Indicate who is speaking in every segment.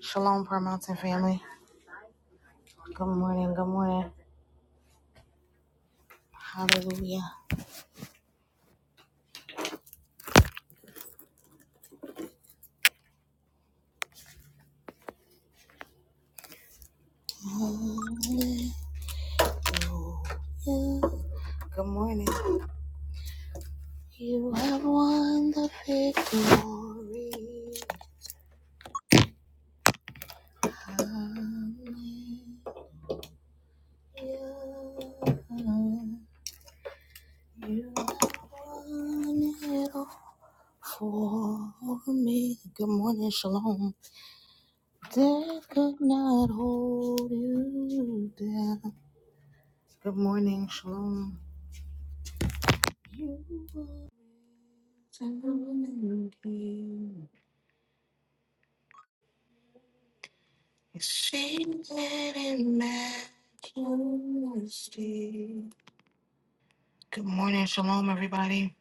Speaker 1: Shalom, Prayer Mountain family. Good morning. Good morning. Hallelujah. Hallelujah. Good morning. You have won the victory. Hallelujah. You have won it all for me. Good morning. Shalom. Death could not hold you down. Good morning. Shalom. You Good morning, shalom, everybody.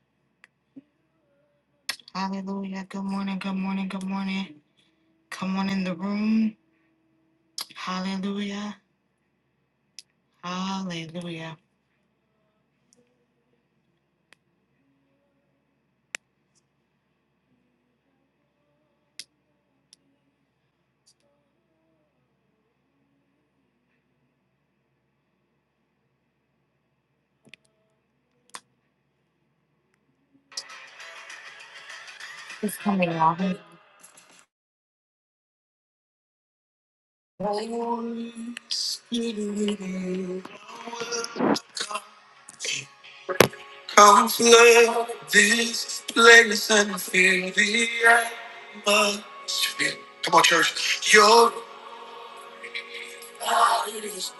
Speaker 1: Hallelujah. Good morning, good morning, good morning. Come on in the room. Hallelujah. Hallelujah. It's coming on. Come flood this place and feel the atmosphere. Come on, church. Your bodies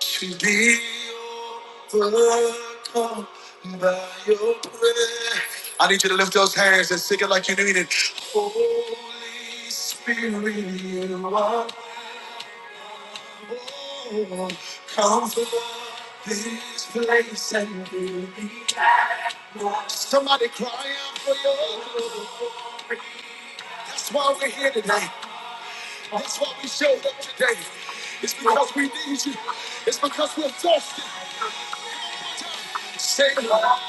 Speaker 1: should be overcome by your prayer. I need you to lift those hands and sing it like you mean it. Holy Spirit, you are. Oh, come from this place and we'll be back. Somebody cry out for your glory. That's why we're here today. That's why we showed up today. It's because we need you. It's because we're thirsty. Say, anybody want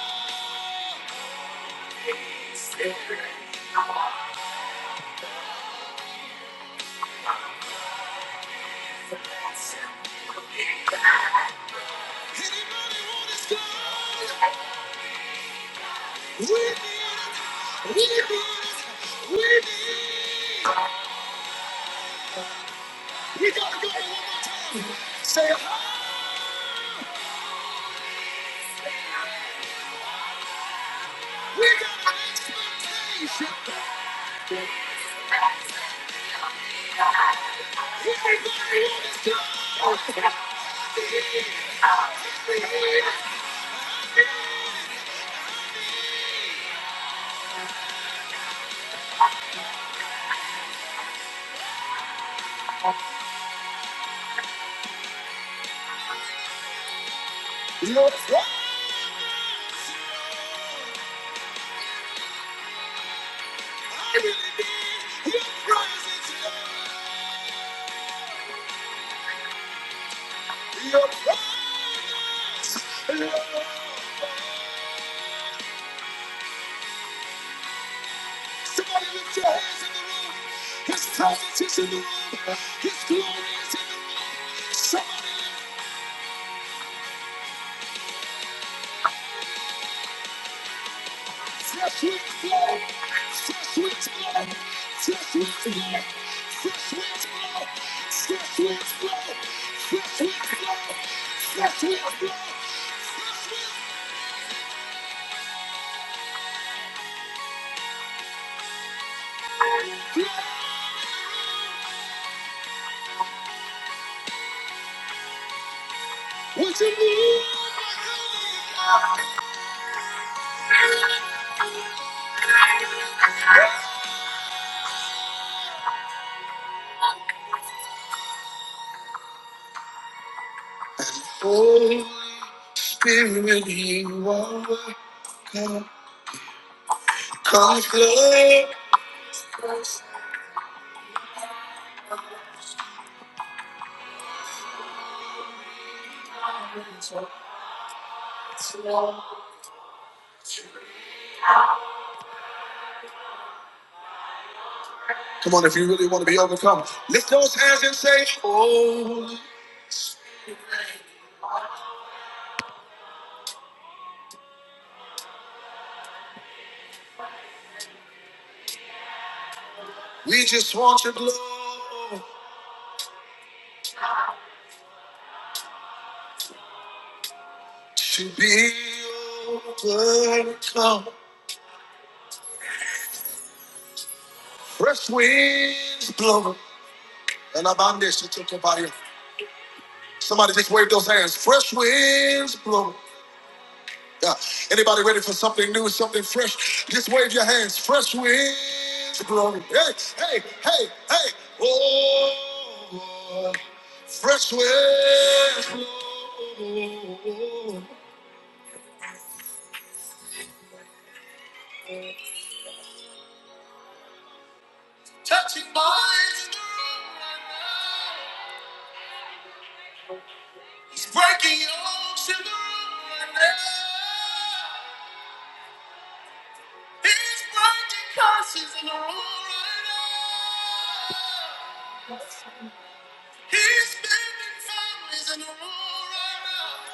Speaker 1: his glory? We need it. We need it. We need it. We gotta go one more time. Say, we got an expectation. Your presence, I really need your presence, Lord. Your presence, Lord. Somebody lift your hands in the room. His presence is in the room. His glory is in the room. Somebody Fresh wind blow, fresh winds blow, fresh winds blow, fresh winds blow, fresh winds blow, fresh winds blow, fresh winds blow, fresh winds blow. Would you move? my Holy Spirit, you are welcome. God's love. Come on, if you really want to be overcome, lift those hands and say, Holy, we just want your glory. to be overcome. Fresh winds blowing. And about this, it took about here. Somebody just wave those hands. Fresh winds blowing. Yeah. Anybody ready for something new, something fresh? Just wave your hands. Fresh winds blowing. Hey, hey, hey, hey. Oh, fresh winds blowing. Touching minds in the room right now. Breaking yokes in the room right now. He's breaking curses in the room right now. He's bending families in the room right now.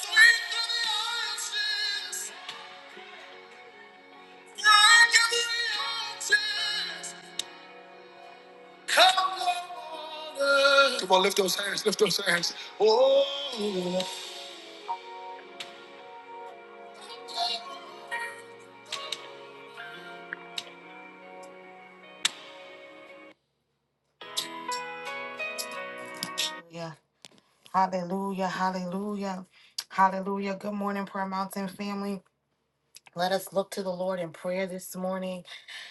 Speaker 1: Sweep through the ashes. Break every ashes. Come on. Come on, lift those hands, lift those hands. Oh. Yeah. Hallelujah, hallelujah, hallelujah. Good morning, Prayer Mountain family. Let us look to the Lord in prayer this morning.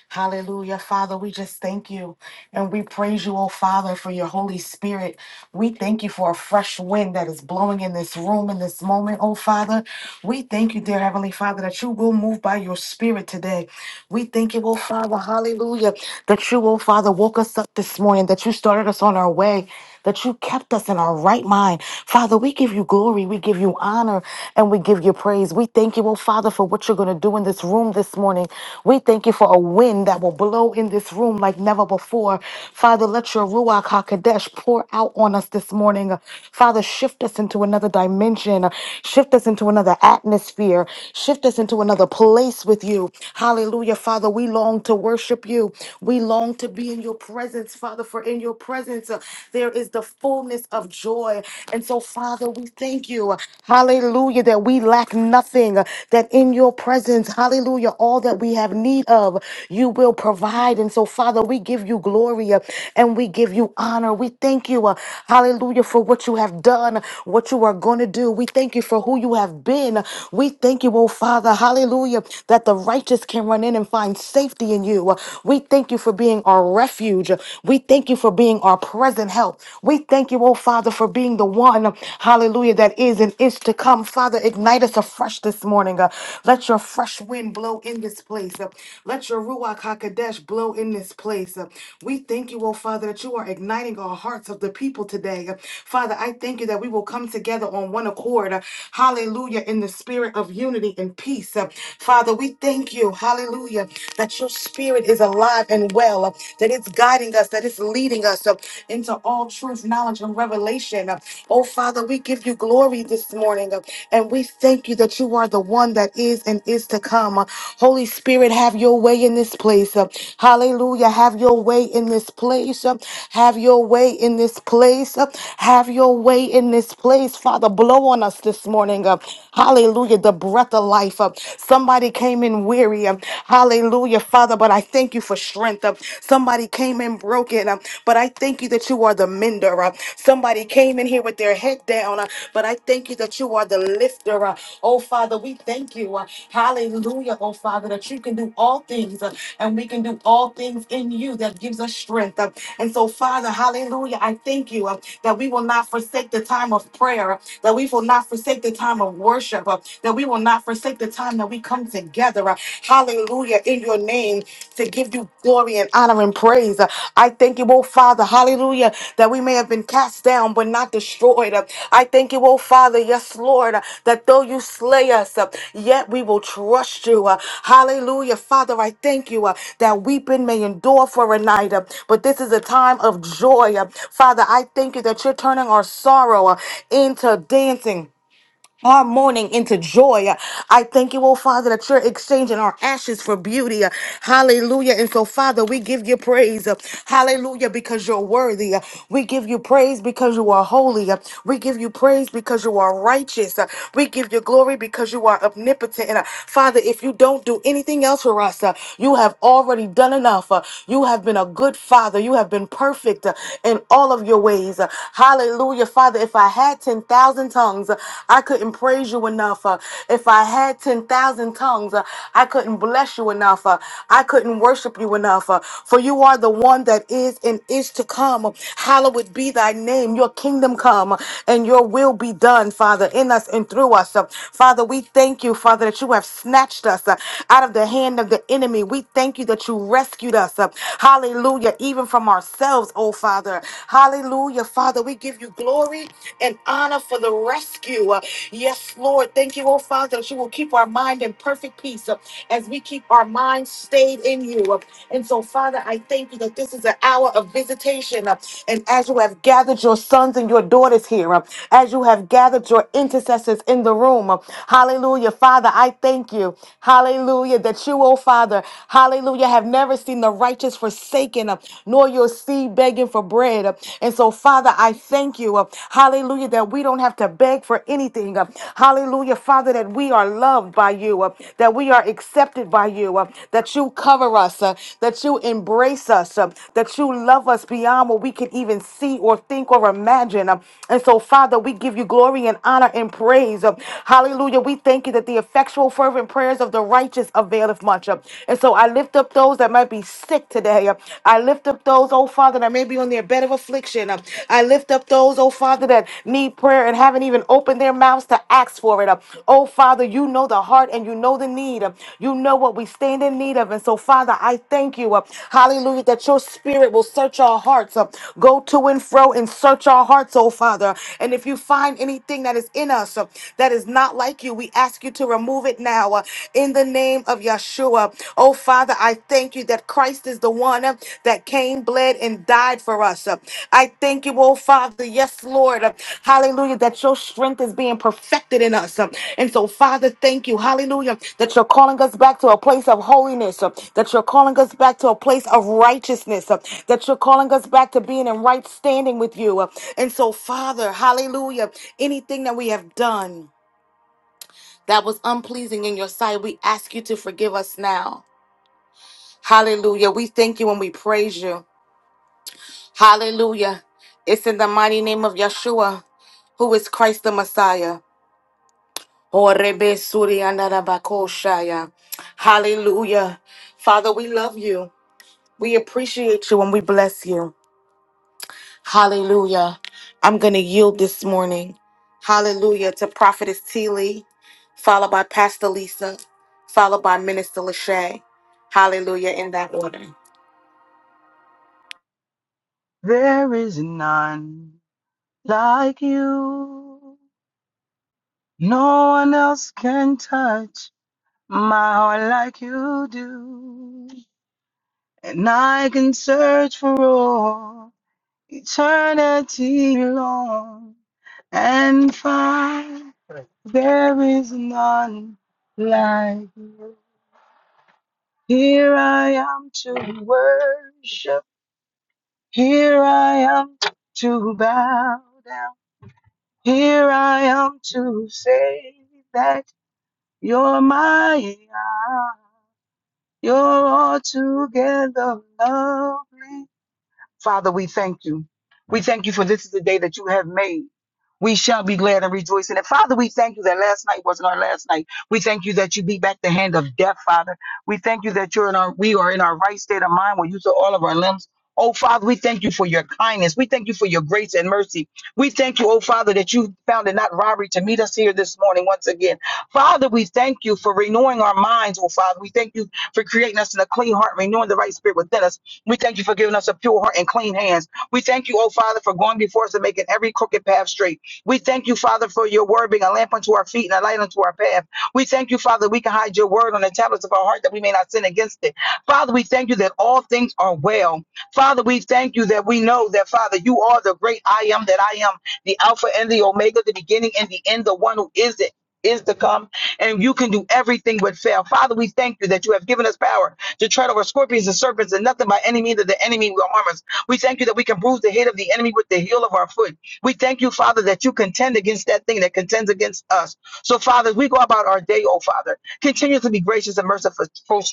Speaker 1: Hallelujah. Father, we just thank you and we praise you, oh Father, for your Holy Spirit. We thank you for a fresh wind that is blowing in this room in this moment, oh Father. We thank you, dear Heavenly Father, that you will move by your Spirit today. We thank you, oh Father, hallelujah, that you, oh Father, woke us up this morning, that you started us on our way that you kept us in our right mind. Father, we give you glory, we give you honor, and we give you praise. We thank you, oh Father, for what you're going to do in this room this morning. We thank you for a wind that will blow in this room like never before. Father, let your Ruach HaKodesh pour out on us this morning. Father, shift us into another dimension, shift us into another atmosphere, shift us into another place with you. Hallelujah, Father. We long to worship you. We long to be in your presence, Father. Father, for in your presence uh, there is the fullness of joy. And so, Father, we thank you, uh, hallelujah, that we lack nothing, uh, that in your presence, hallelujah, all that we have need of, you will provide. And so, Father, we give you glory uh, and we give you honor. We thank you, uh, hallelujah, for what you have done, what you are going to do. We thank you for who you have been. We thank you, oh Father, hallelujah, that the righteous can run in and find safety in you. We thank you thank you for being our refuge. We thank you for being our present help. We thank you, oh Father, for being the one, hallelujah, that is and is to come. Father, ignite us afresh this morning. Uh, let your fresh wind blow in this place. Uh, let your Ruach HaKodesh blow in this place. Uh, we thank you, oh Father, that you are igniting our hearts of the people today. Uh, Father, I thank you that we will come together on one accord. uh, hallelujah, in the spirit of unity and peace. Uh, Father, we thank you, hallelujah that your spirit is alive and well, uh, that it's guiding us, that it's leading us uh, into all truth, knowledge, and revelation. Uh, Oh, Father, we give you glory this morning, uh, and we thank you that you are the one that is and is to come. Uh, Holy Spirit, have your way in this place. Uh, Hallelujah. Have your way in this place. Uh, Have your way in this place. Uh, Have your way in this place. Father, blow on us this morning. Uh, Hallelujah. The breath of life. Uh, Somebody Somebody came in weary. um, Hallelujah, Father. But I thank you for strength. um, Somebody came in broken. um, But I thank you that you are the mender. um, Somebody came in here with their head down. uh, But I thank you that you are the lifter. uh, Oh, Father, we thank you. uh, Hallelujah, oh, Father, that you can do all things. uh, And we can do all things in you that gives us strength. uh, And so, Father, hallelujah, I thank you uh, that we will not forsake the time of prayer, uh, that we will not forsake the time of worship, uh, that that we will not forsake the time that we come together. uh, Hallelujah, in your name to give you glory and honor and praise. Uh, I thank you, oh Father, hallelujah, that we may have been cast down but not destroyed. Uh, I thank you, oh Father, yes, Lord, uh, that though you slay us, uh, yet we will trust you. Uh, Hallelujah, Father, I thank you uh, that weeping may endure for a night, uh, but this is a time of joy. Uh, Father, I thank you that you're turning our sorrow uh, into dancing our mourning into joy. I thank you, oh Father, that you're exchanging our ashes for beauty. Hallelujah. And so, Father, we give you praise. Hallelujah, because you're worthy. We give you praise because you are holy. We give you praise because you are righteous. We give you glory because you are omnipotent. And, uh, Father, if you don't do anything else for us, uh, you have already done enough. Uh, You have been a good Father. You have been perfect uh, in all of your ways. Uh, Hallelujah, Father. If if I had 10,000 tongues, uh, I couldn't praise you enough. uh, If I had 10,000 tongues, uh, I couldn't bless you enough. uh, I couldn't worship you enough. uh, For you are the one that is and is to come. Hallowed be thy name. Your kingdom come and your will be done, Father, in us and through us. Uh, Father, we thank you, Father, that you have snatched us uh, out of the hand of the enemy. We thank you that you rescued us. uh, Hallelujah. Even from ourselves, oh Father. Hallelujah. Father, we give you glory and honor for the rescue. Uh, Yes, Lord. Thank you, oh Father, that you will keep our mind in perfect peace uh, as we keep our mind stayed in you. Uh, And so, Father, I thank you that this is an hour of visitation. uh, And as you have gathered your sons and your daughters here, uh, as you have gathered your intercessors in the room, uh, hallelujah. Father, I thank you, hallelujah, that you, oh Father, hallelujah, have never seen the righteous forsaken forsaken, uh, nor your seed begging for bread. uh. And so, Father, I thank you, uh, hallelujah, that we don't have to beg for anything. uh. Hallelujah, Father, that we are loved by you, uh, that we are accepted by you, uh, that you cover us, uh, that you embrace us, uh, that you love us beyond what we can even see or think or imagine. uh. And so, Father, we give you glory and honor and praise. uh. Hallelujah, we thank you that the effectual, fervent prayers of the righteous availeth much. uh. And so I lift up those that might be sick today. I lift up those, oh Father, that may be on their bed of affliction. I lift up those, oh Father, that need prayer and haven't even opened their mouths to ask for it. Oh Father, you know the heart and you know the need. You know what we stand in need of. And so, Father, I thank you. Hallelujah, that your spirit will search our hearts. Go to and fro and search our hearts, oh Father. And if you find anything that is in us that is not like you, we ask you to remove it now now in the name of Yeshua. Oh, Father, I thank you that Christ is the one uh, that came, bled, and died for us. Uh, I thank you, oh, Father. Yes, Lord. Uh, Hallelujah, that your strength is being perfected in us. Uh, And so, Father, thank you. Hallelujah, that you're calling us back to a place of holiness, uh, that you're calling us back to a place of righteousness, uh, that you're calling us back to being in right standing with you. Uh, And so, Father, hallelujah, anything that we have done that was unpleasing in your sight. We ask you to forgive us now. Hallelujah. We thank you and we praise you. Hallelujah. It's in the mighty name of Yeshua, who is Christ the Messiah. Orebe suri andarabako shaya. Hallelujah. Father, we love you. We appreciate you and we bless you. Hallelujah. I'm going to yield this morning. Hallelujah to Prophetess T. Lee, followed by Pastor Lisa, followed by Minister Lachey. Hallelujah in that order.
Speaker 2: There is none like you. No one else can touch my heart like you do. And I can search for all eternity long and find there is none like you. Here I am to worship. Here I am to bow down. Here I am to say that you're my, you're altogether lovely. Father, we thank you. We thank you for this is the day that you have made. We shall be glad and rejoice in it. Father, we thank you that last night wasn't our last night. We thank you that you beat back the hand of death, Father. We thank you that you're in our we are in our right state of mind where you saw all of our limbs. Oh Father, we thank you for your kindness. We thank you for your grace and mercy. We thank you, oh Father, that you found it not robbery to meet us here this morning once again. Father, we thank you for renewing our minds, oh Father. We thank you for creating us in a clean heart, renewing the right spirit within us. We thank you for giving us a pure heart and clean hands. We thank you, oh Father, for going before us and making every crooked path straight. We thank you, Father, for your word being a lamp unto our feet and a light unto our path. We thank you, Father, we can hide your word on the tablets of our heart that we may not sin against it. Father, we thank you that all things are well. Father, we thank you that we know that, Father, you are the great I am that I am, the Alpha and the Omega, the beginning and the end, the one who is it. Is to come, and you can do everything but fail. Father, we thank you that you have given us power to tread over scorpions and serpents and nothing by any means that the enemy will harm us. We thank you that we can bruise the head of the enemy with the heel of our foot. We thank you, Father, that you contend against that thing that contends against us. So, Father, as we go about our day, oh Father, continue to be gracious and merciful,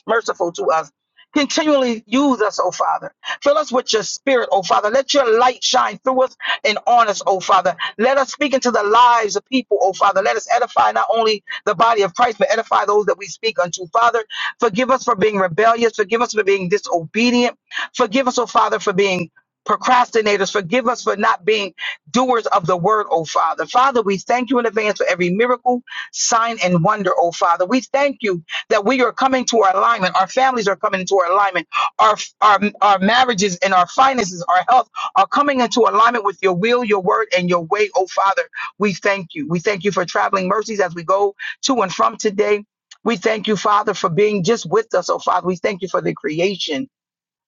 Speaker 2: merciful to us. Continually use us, oh Father. Fill us with your spirit, oh Father. Let your light shine through us and on us, oh Father. Let us speak into the lives of people, oh Father. Let us edify not only the body of Christ, but edify those that we speak unto, Father. Forgive us for being rebellious. Forgive us for being disobedient. Forgive us, oh Father, for being procrastinators. Forgive us for not being doers of the word, oh Father. Father, we thank you in advance for every miracle, sign, and wonder, oh Father. We thank you that we are coming to our alignment. Our families are coming into our alignment. Our, our, our marriages and our finances, our health are coming into alignment with your will, your word, and your way, oh Father. We thank you. We thank you for traveling mercies as we go to and from today. We thank you, Father, for being just with us, oh Father. We thank you for the creation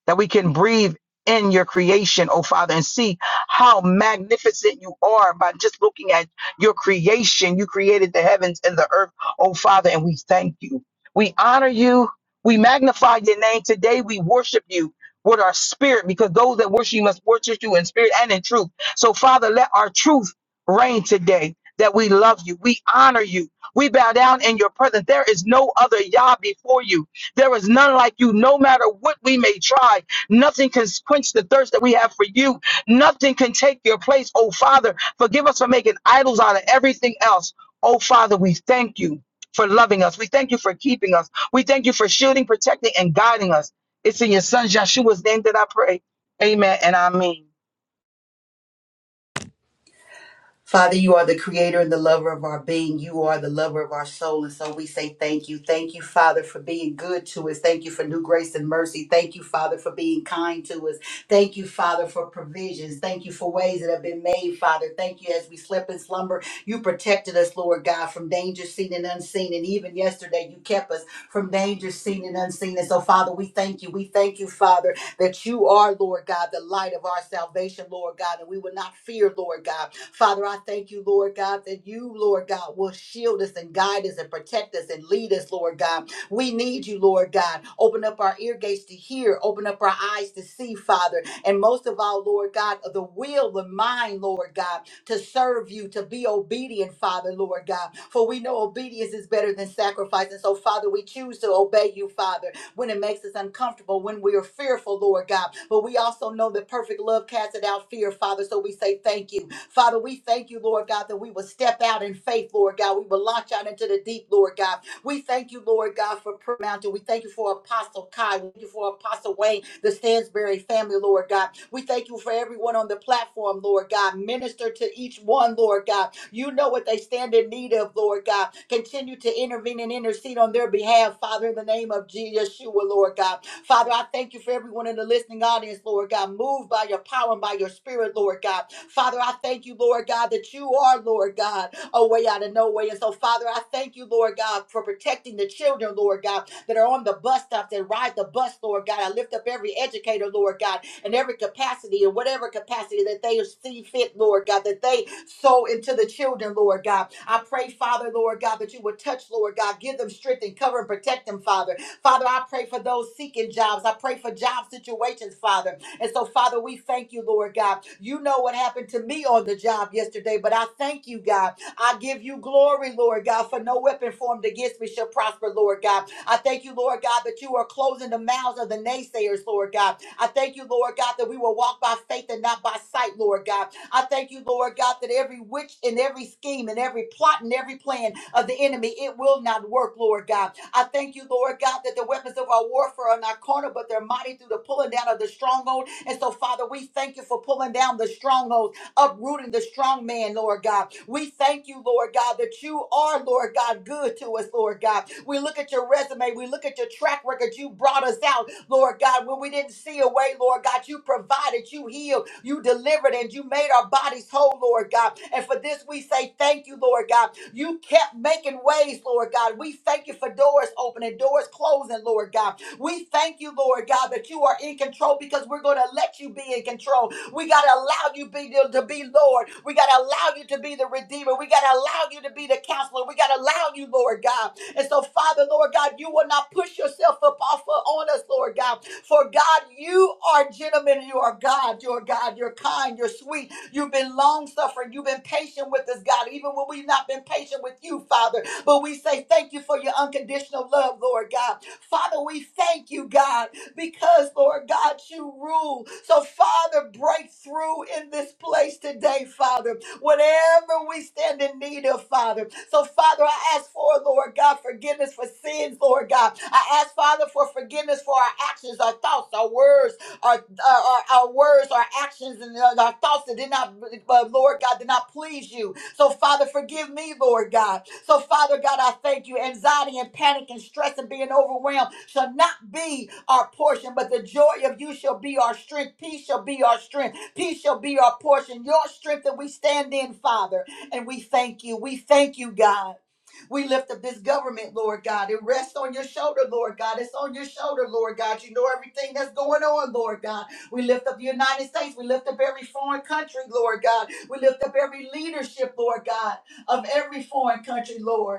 Speaker 2: that we can breathe in your creation, oh Father, and see how magnificent you are by just looking at your creation. You created the heavens and the earth, oh Father, and we thank you. We honor you. We magnify your name today. We worship you with our spirit because those that worship you must worship you in spirit and in truth. So, Father, let our truth reign today that we love you. We honor you. We bow down in your presence. There is no other Yah before you. There is none like you, no matter what we may try. Nothing can quench the thirst that we have for you. Nothing can take your place. Oh, Father, forgive us for making idols out of everything else. Oh, Father, we thank you for loving us. We thank you for keeping us. We thank you for shielding, protecting, and guiding us. It's in your son Joshua's name that I pray. Amen and I mean.
Speaker 3: Father, you are the creator and the lover of our being. You are the lover of our soul. And so we say thank you. Thank you, Father, for being good to us. Thank you for new grace and mercy. Thank you, Father, for being kind to us. Thank you, Father, for provisions. Thank you for ways that have been made, Father. Thank you as we slept in slumber. You protected us, Lord God, from danger seen and unseen. And even yesterday, you kept us from danger seen and unseen. And so, Father, we thank you. We thank you, Father that you are, Lord God, the light of our salvation, Lord God, and we will not fear, Lord God. Father, I thank you, Lord God, that you, Lord God, will shield us and guide us and protect us and lead us, Lord God. We need you, Lord God. Open up our ear gates to hear, open up our eyes to see, Father. And most of all, Lord God, the will, the mind, Lord God, to serve you, to be obedient, Father, Lord God. For we know obedience is better than sacrifice. And so, Father, we choose to obey you, Father when it makes us uncomfortable, when we are fearful, Lord God. But we also know that perfect love casts out fear, Father. So we say thank you. Father, we thank you, Lord God, that we will step out in faith, Lord God. We will launch out into the deep, Lord God. We thank you, Lord God, for Prayer Mountain. We thank you for Apostle Kai. We thank you for Apostle Wayne, the Stansberry family, Lord God. We thank you for everyone on the platform, Lord God. Minister to each one, Lord God you know what they stand in need of, Lord God. Continue to intervene and intercede on their behalf, Father, in the name of Jesus, Yeshua, Lord God. Father, I thank you for everyone in the listening audience, Lord God. Move by your power and by your spirit, Lord God. Father, I thank you, Lord God, that you are, Lord God a way out of no way. And so, Father, I thank you, Lord God, for protecting the children, Lord God, that are on the bus stops and ride the bus, Lord God. I lift up every educator, Lord God, in every capacity, in whatever capacity that they see fit, Lord God, that they sow into the children, Lord God. I pray, Father, Lord God, that you would touch, Lord God, give them strength and cover and protect them, Father. Father, I pray for those seeking jobs. I pray for job situations, Father. And so, Father, we thank you, Lord God. You know what happened to me on the job yesterday, but I thank you, God, I give you glory, Lord God, for no weapon formed against me shall prosper, Lord God. I thank you, Lord God, that you are closing the mouths of the naysayers, Lord God. I thank you, Lord God, that we will walk by faith and not by sight, Lord God. I thank you, Lord God, that every witch and every scheme and every plot and every plan of the enemy, it will not work, Lord God. I thank you, Lord God, that the weapons of our warfare are not carnal, but they're mighty through the pulling down of the stronghold. And so, Father, we thank you for pulling down the strongholds uprooting the strong man, Lord God. We thank you, Lord God, that you are, Lord God, good to us, Lord God. We look at your resume, we look at your track record. You brought us out, Lord God, when we didn't see a way, Lord God. You provided, you healed, you delivered, and you made our bodies whole, Lord God. And for this, we say thank you, Lord God. You kept making ways, Lord God. We thank you for doors opening, doors closing, Lord God. We thank you, Lord God, that you are in control because we're going to let you be in control we got to allow you be, to be Lord. We got to allow you to be the Redeemer. We got to allow you to be the counselor. We got to allow you, Lord God. And so, Father, Lord God, you will not push yourself up off of, on us, Lord God. For God, you are gentlemen. You are God. You're God. You're kind. You're sweet. You've been long suffering. You've been patient with us, God, even when we've not been patient with you, Father. But we say thank you for your unconditional love, Lord God. Father, we thank you, God because, Lord God, you rule. So, Father, break through in this place today, Father, whatever we stand in need of, Father. So, Father, I ask for, Lord God, forgiveness for sins, Lord God. I ask, Father, for forgiveness for our actions, our thoughts, our words, our our, our, our words, our actions, and our our thoughts that did not, uh, Lord God, did not please you. So, Father, forgive me, Lord God. So, Father God, I thank you. Anxiety and panic and stress and being overwhelmed shall not be our portion, but the joy of you shall be our strength. Peace shall be our strength. Peace shall be our portion. Your strength that we stand in, Father. And we thank you. We thank you, God. We lift up this government, Lord God. It rests on your shoulder, Lord God. It's on your shoulder, Lord God. You know everything that's going on, Lord God. We lift up the United States. We lift up every foreign country, Lord God. We lift up every leadership, Lord God, of every foreign country, Lord.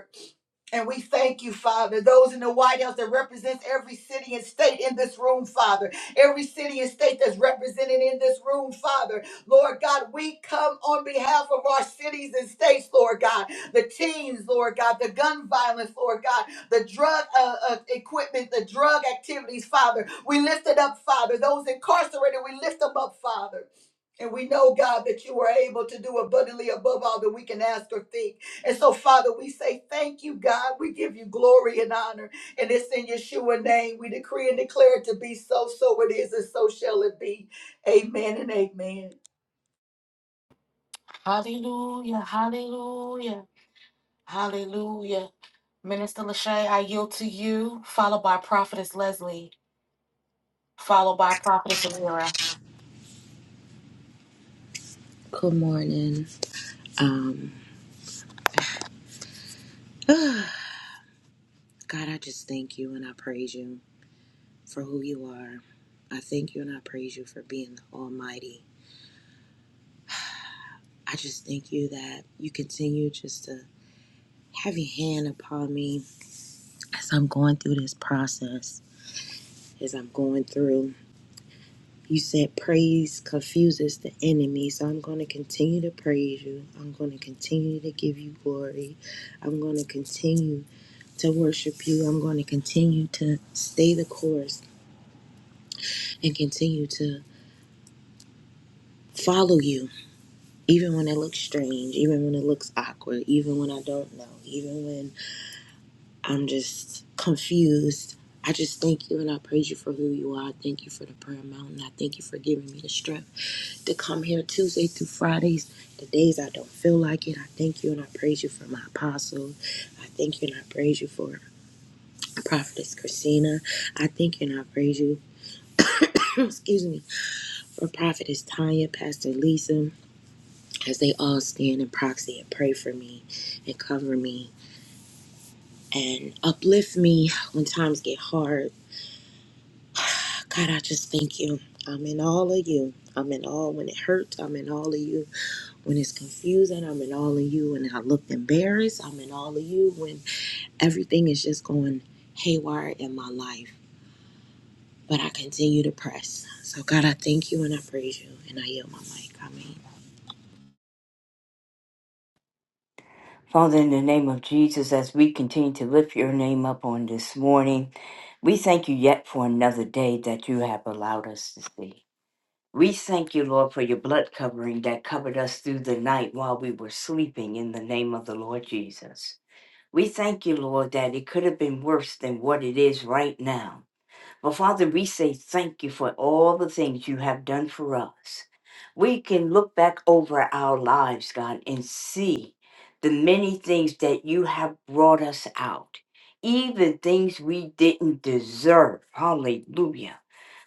Speaker 3: And we thank you, Father, those in the White House that represents every city and state in this room, Father. Every city and state that's represented in this room, Father. Lord God, we come on behalf of our cities and states, Lord God. The teens, Lord God, the gun violence, Lord God, the drug uh, uh, equipment, the drug activities, Father. We lift it up, Father. Those incarcerated, we lift them up, Father. And we know, God, that you are able to do abundantly above all that we can ask or think. And so, Father, we say thank you, God. We give you glory and honor. And it's in Yeshua's name. We decree and declare it to be so, so it is, and so shall it be. Amen and amen.
Speaker 1: Hallelujah. Hallelujah. Hallelujah. Minister Lachey, I yield to you, followed by Prophetess Leslie, followed by Prophetess Amira.
Speaker 4: Good morning. Um, God, I just thank you and I praise you for who you are. I thank you and I praise you for being almighty. I just thank you that you continue just to have your hand upon me as I'm going through this process, as I'm going through. You said praise confuses the enemy, so I'm going to continue to praise you. I'm going to continue to give you glory. I'm going to continue to worship you. I'm going to continue to stay the course. and continue to follow you, even when it looks strange, even when it looks awkward, even when I don't know, even when I'm just confused. I just thank you and I praise you for who you are. I thank you for the prayer mountain. I thank you for giving me the strength to come here Tuesday through Fridays, the days I don't feel like it. I thank you and I praise you for my apostle. I thank you and I praise you for Prophetess Christina. I thank you and I praise you, excuse me, for Prophetess Tanya, Pastor Lisa. as they all stand in proxy and pray for me and cover me and uplift me when times get hard. God, I just thank you. I'm in all of you. I'm in all when it hurts. I'm in all of you when it's confusing. I'm in all of you when I look embarrassed. I'm in all of you when everything is just going haywire in my life. But I continue to press. So, God, I thank you and I praise you and I yield my mic. I mean,
Speaker 5: Father, in the name of Jesus, as we continue to lift your name up on this morning, we thank you yet for another day that you have allowed us to see. We thank you, Lord, for your blood covering that covered us through the night while we were sleeping in the name of the Lord Jesus. We thank you, Lord, that it could have been worse than what it is right now. But Father, we say thank you for all the things you have done for us. We can look back over our lives, God, and see the many things that you have brought us out, even things we didn't deserve. Hallelujah.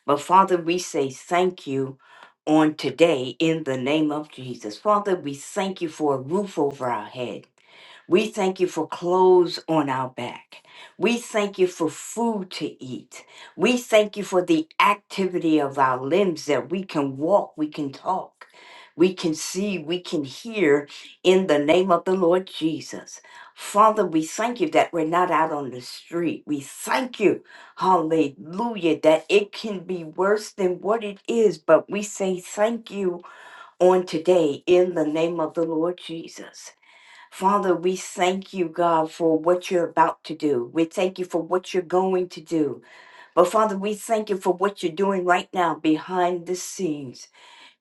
Speaker 5: But Father, we say thank you on today in the name of Jesus. Father, we thank you for a roof over our head. We thank you for clothes on our back. We thank you for food to eat. We thank you for the activity of our limbs that we can walk, we can talk, we can see, we can hear in the name of the Lord Jesus. Father, we thank you that we're not out on the street. We thank you, hallelujah, that it can be worse than what it is, but we say thank you on today in the name of the Lord Jesus. Father, we thank you, God, for what you're about to do. We thank you for what you're going to do. But Father, we thank you for what you're doing right now behind the scenes.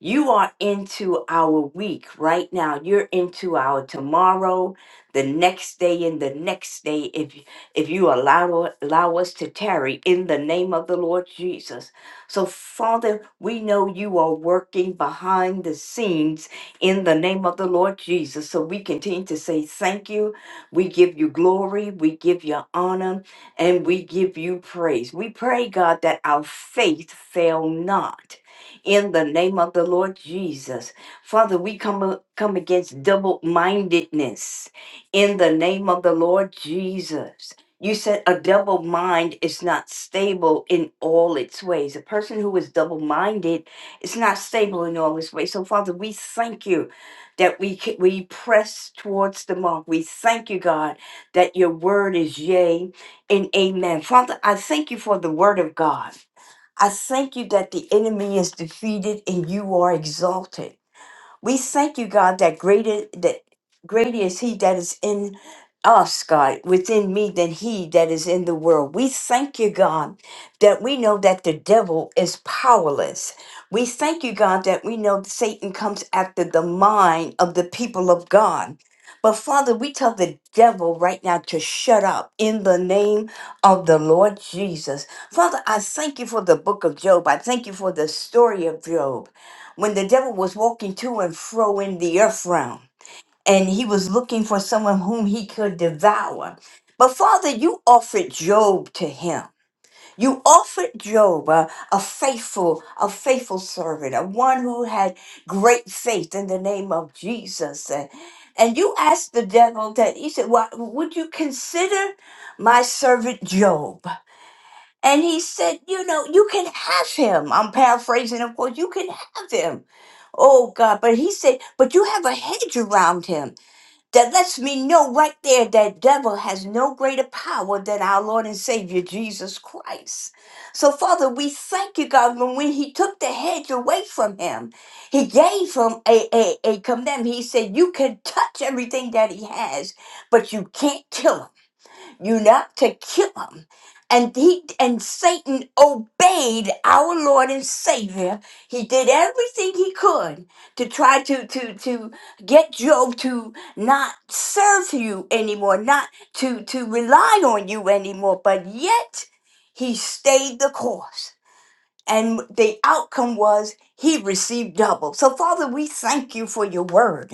Speaker 5: You are into our week right now. You're into our tomorrow, the next day, and the next day. If if you allow allow us to tarry in the name of the Lord Jesus, so Father, we know you are working behind the scenes in the name of the Lord Jesus. So we continue to say thank you. We give you glory. We give you honor, and we give you praise. We pray, God, that our faith fail not in the name of the Lord Jesus. Father, we come, uh, come against double mindedness in the name of the Lord Jesus. You said a double mind is not stable in all its ways. A person who is double minded is not stable in all its ways. So, Father, we thank you that we, ca- we press towards the mark. We thank you, God, that your word is yea and amen. Father, I thank you for the word of God. I thank you that the enemy is defeated and you are exalted. We thank you, God, that great is, that great is He that is in us, God, within me than He that is in the world. We thank you, God, that we know that the devil is powerless. We thank you, God, that we know that Satan comes after the mind of the people of God. But Father, we tell the devil right now to shut up in the name of the Lord Jesus. Father, I thank you for the book of Job. I thank you for the story of Job when the devil was walking to and fro in the earth realm and he was looking for someone whom he could devour. But Father, you offered Job to him. You offered Job a, a faithful, a faithful servant, a one who had great faith in the name of Jesus. And, and you asked the devil that he said, Why would you consider my servant Job? And he said, you know, you can have him. I'm paraphrasing, of course, you can have him. Oh God, but he said, but you have a hedge around him that lets me know right there that devil has no greater power than our Lord and Savior Jesus Christ. So Father, we thank you, God, when, when he took the hedge away from him, he gave him a, a, a commandment. He said, you can touch everything that he has, but you can't kill him you not to kill him. And he and Satan obeyed our Lord and Savior. He did everything he could to try to to to get Job to not serve you anymore, not to to rely on you anymore. But yet he stayed the course. And the outcome was he received double. So, Father, we thank you for your word.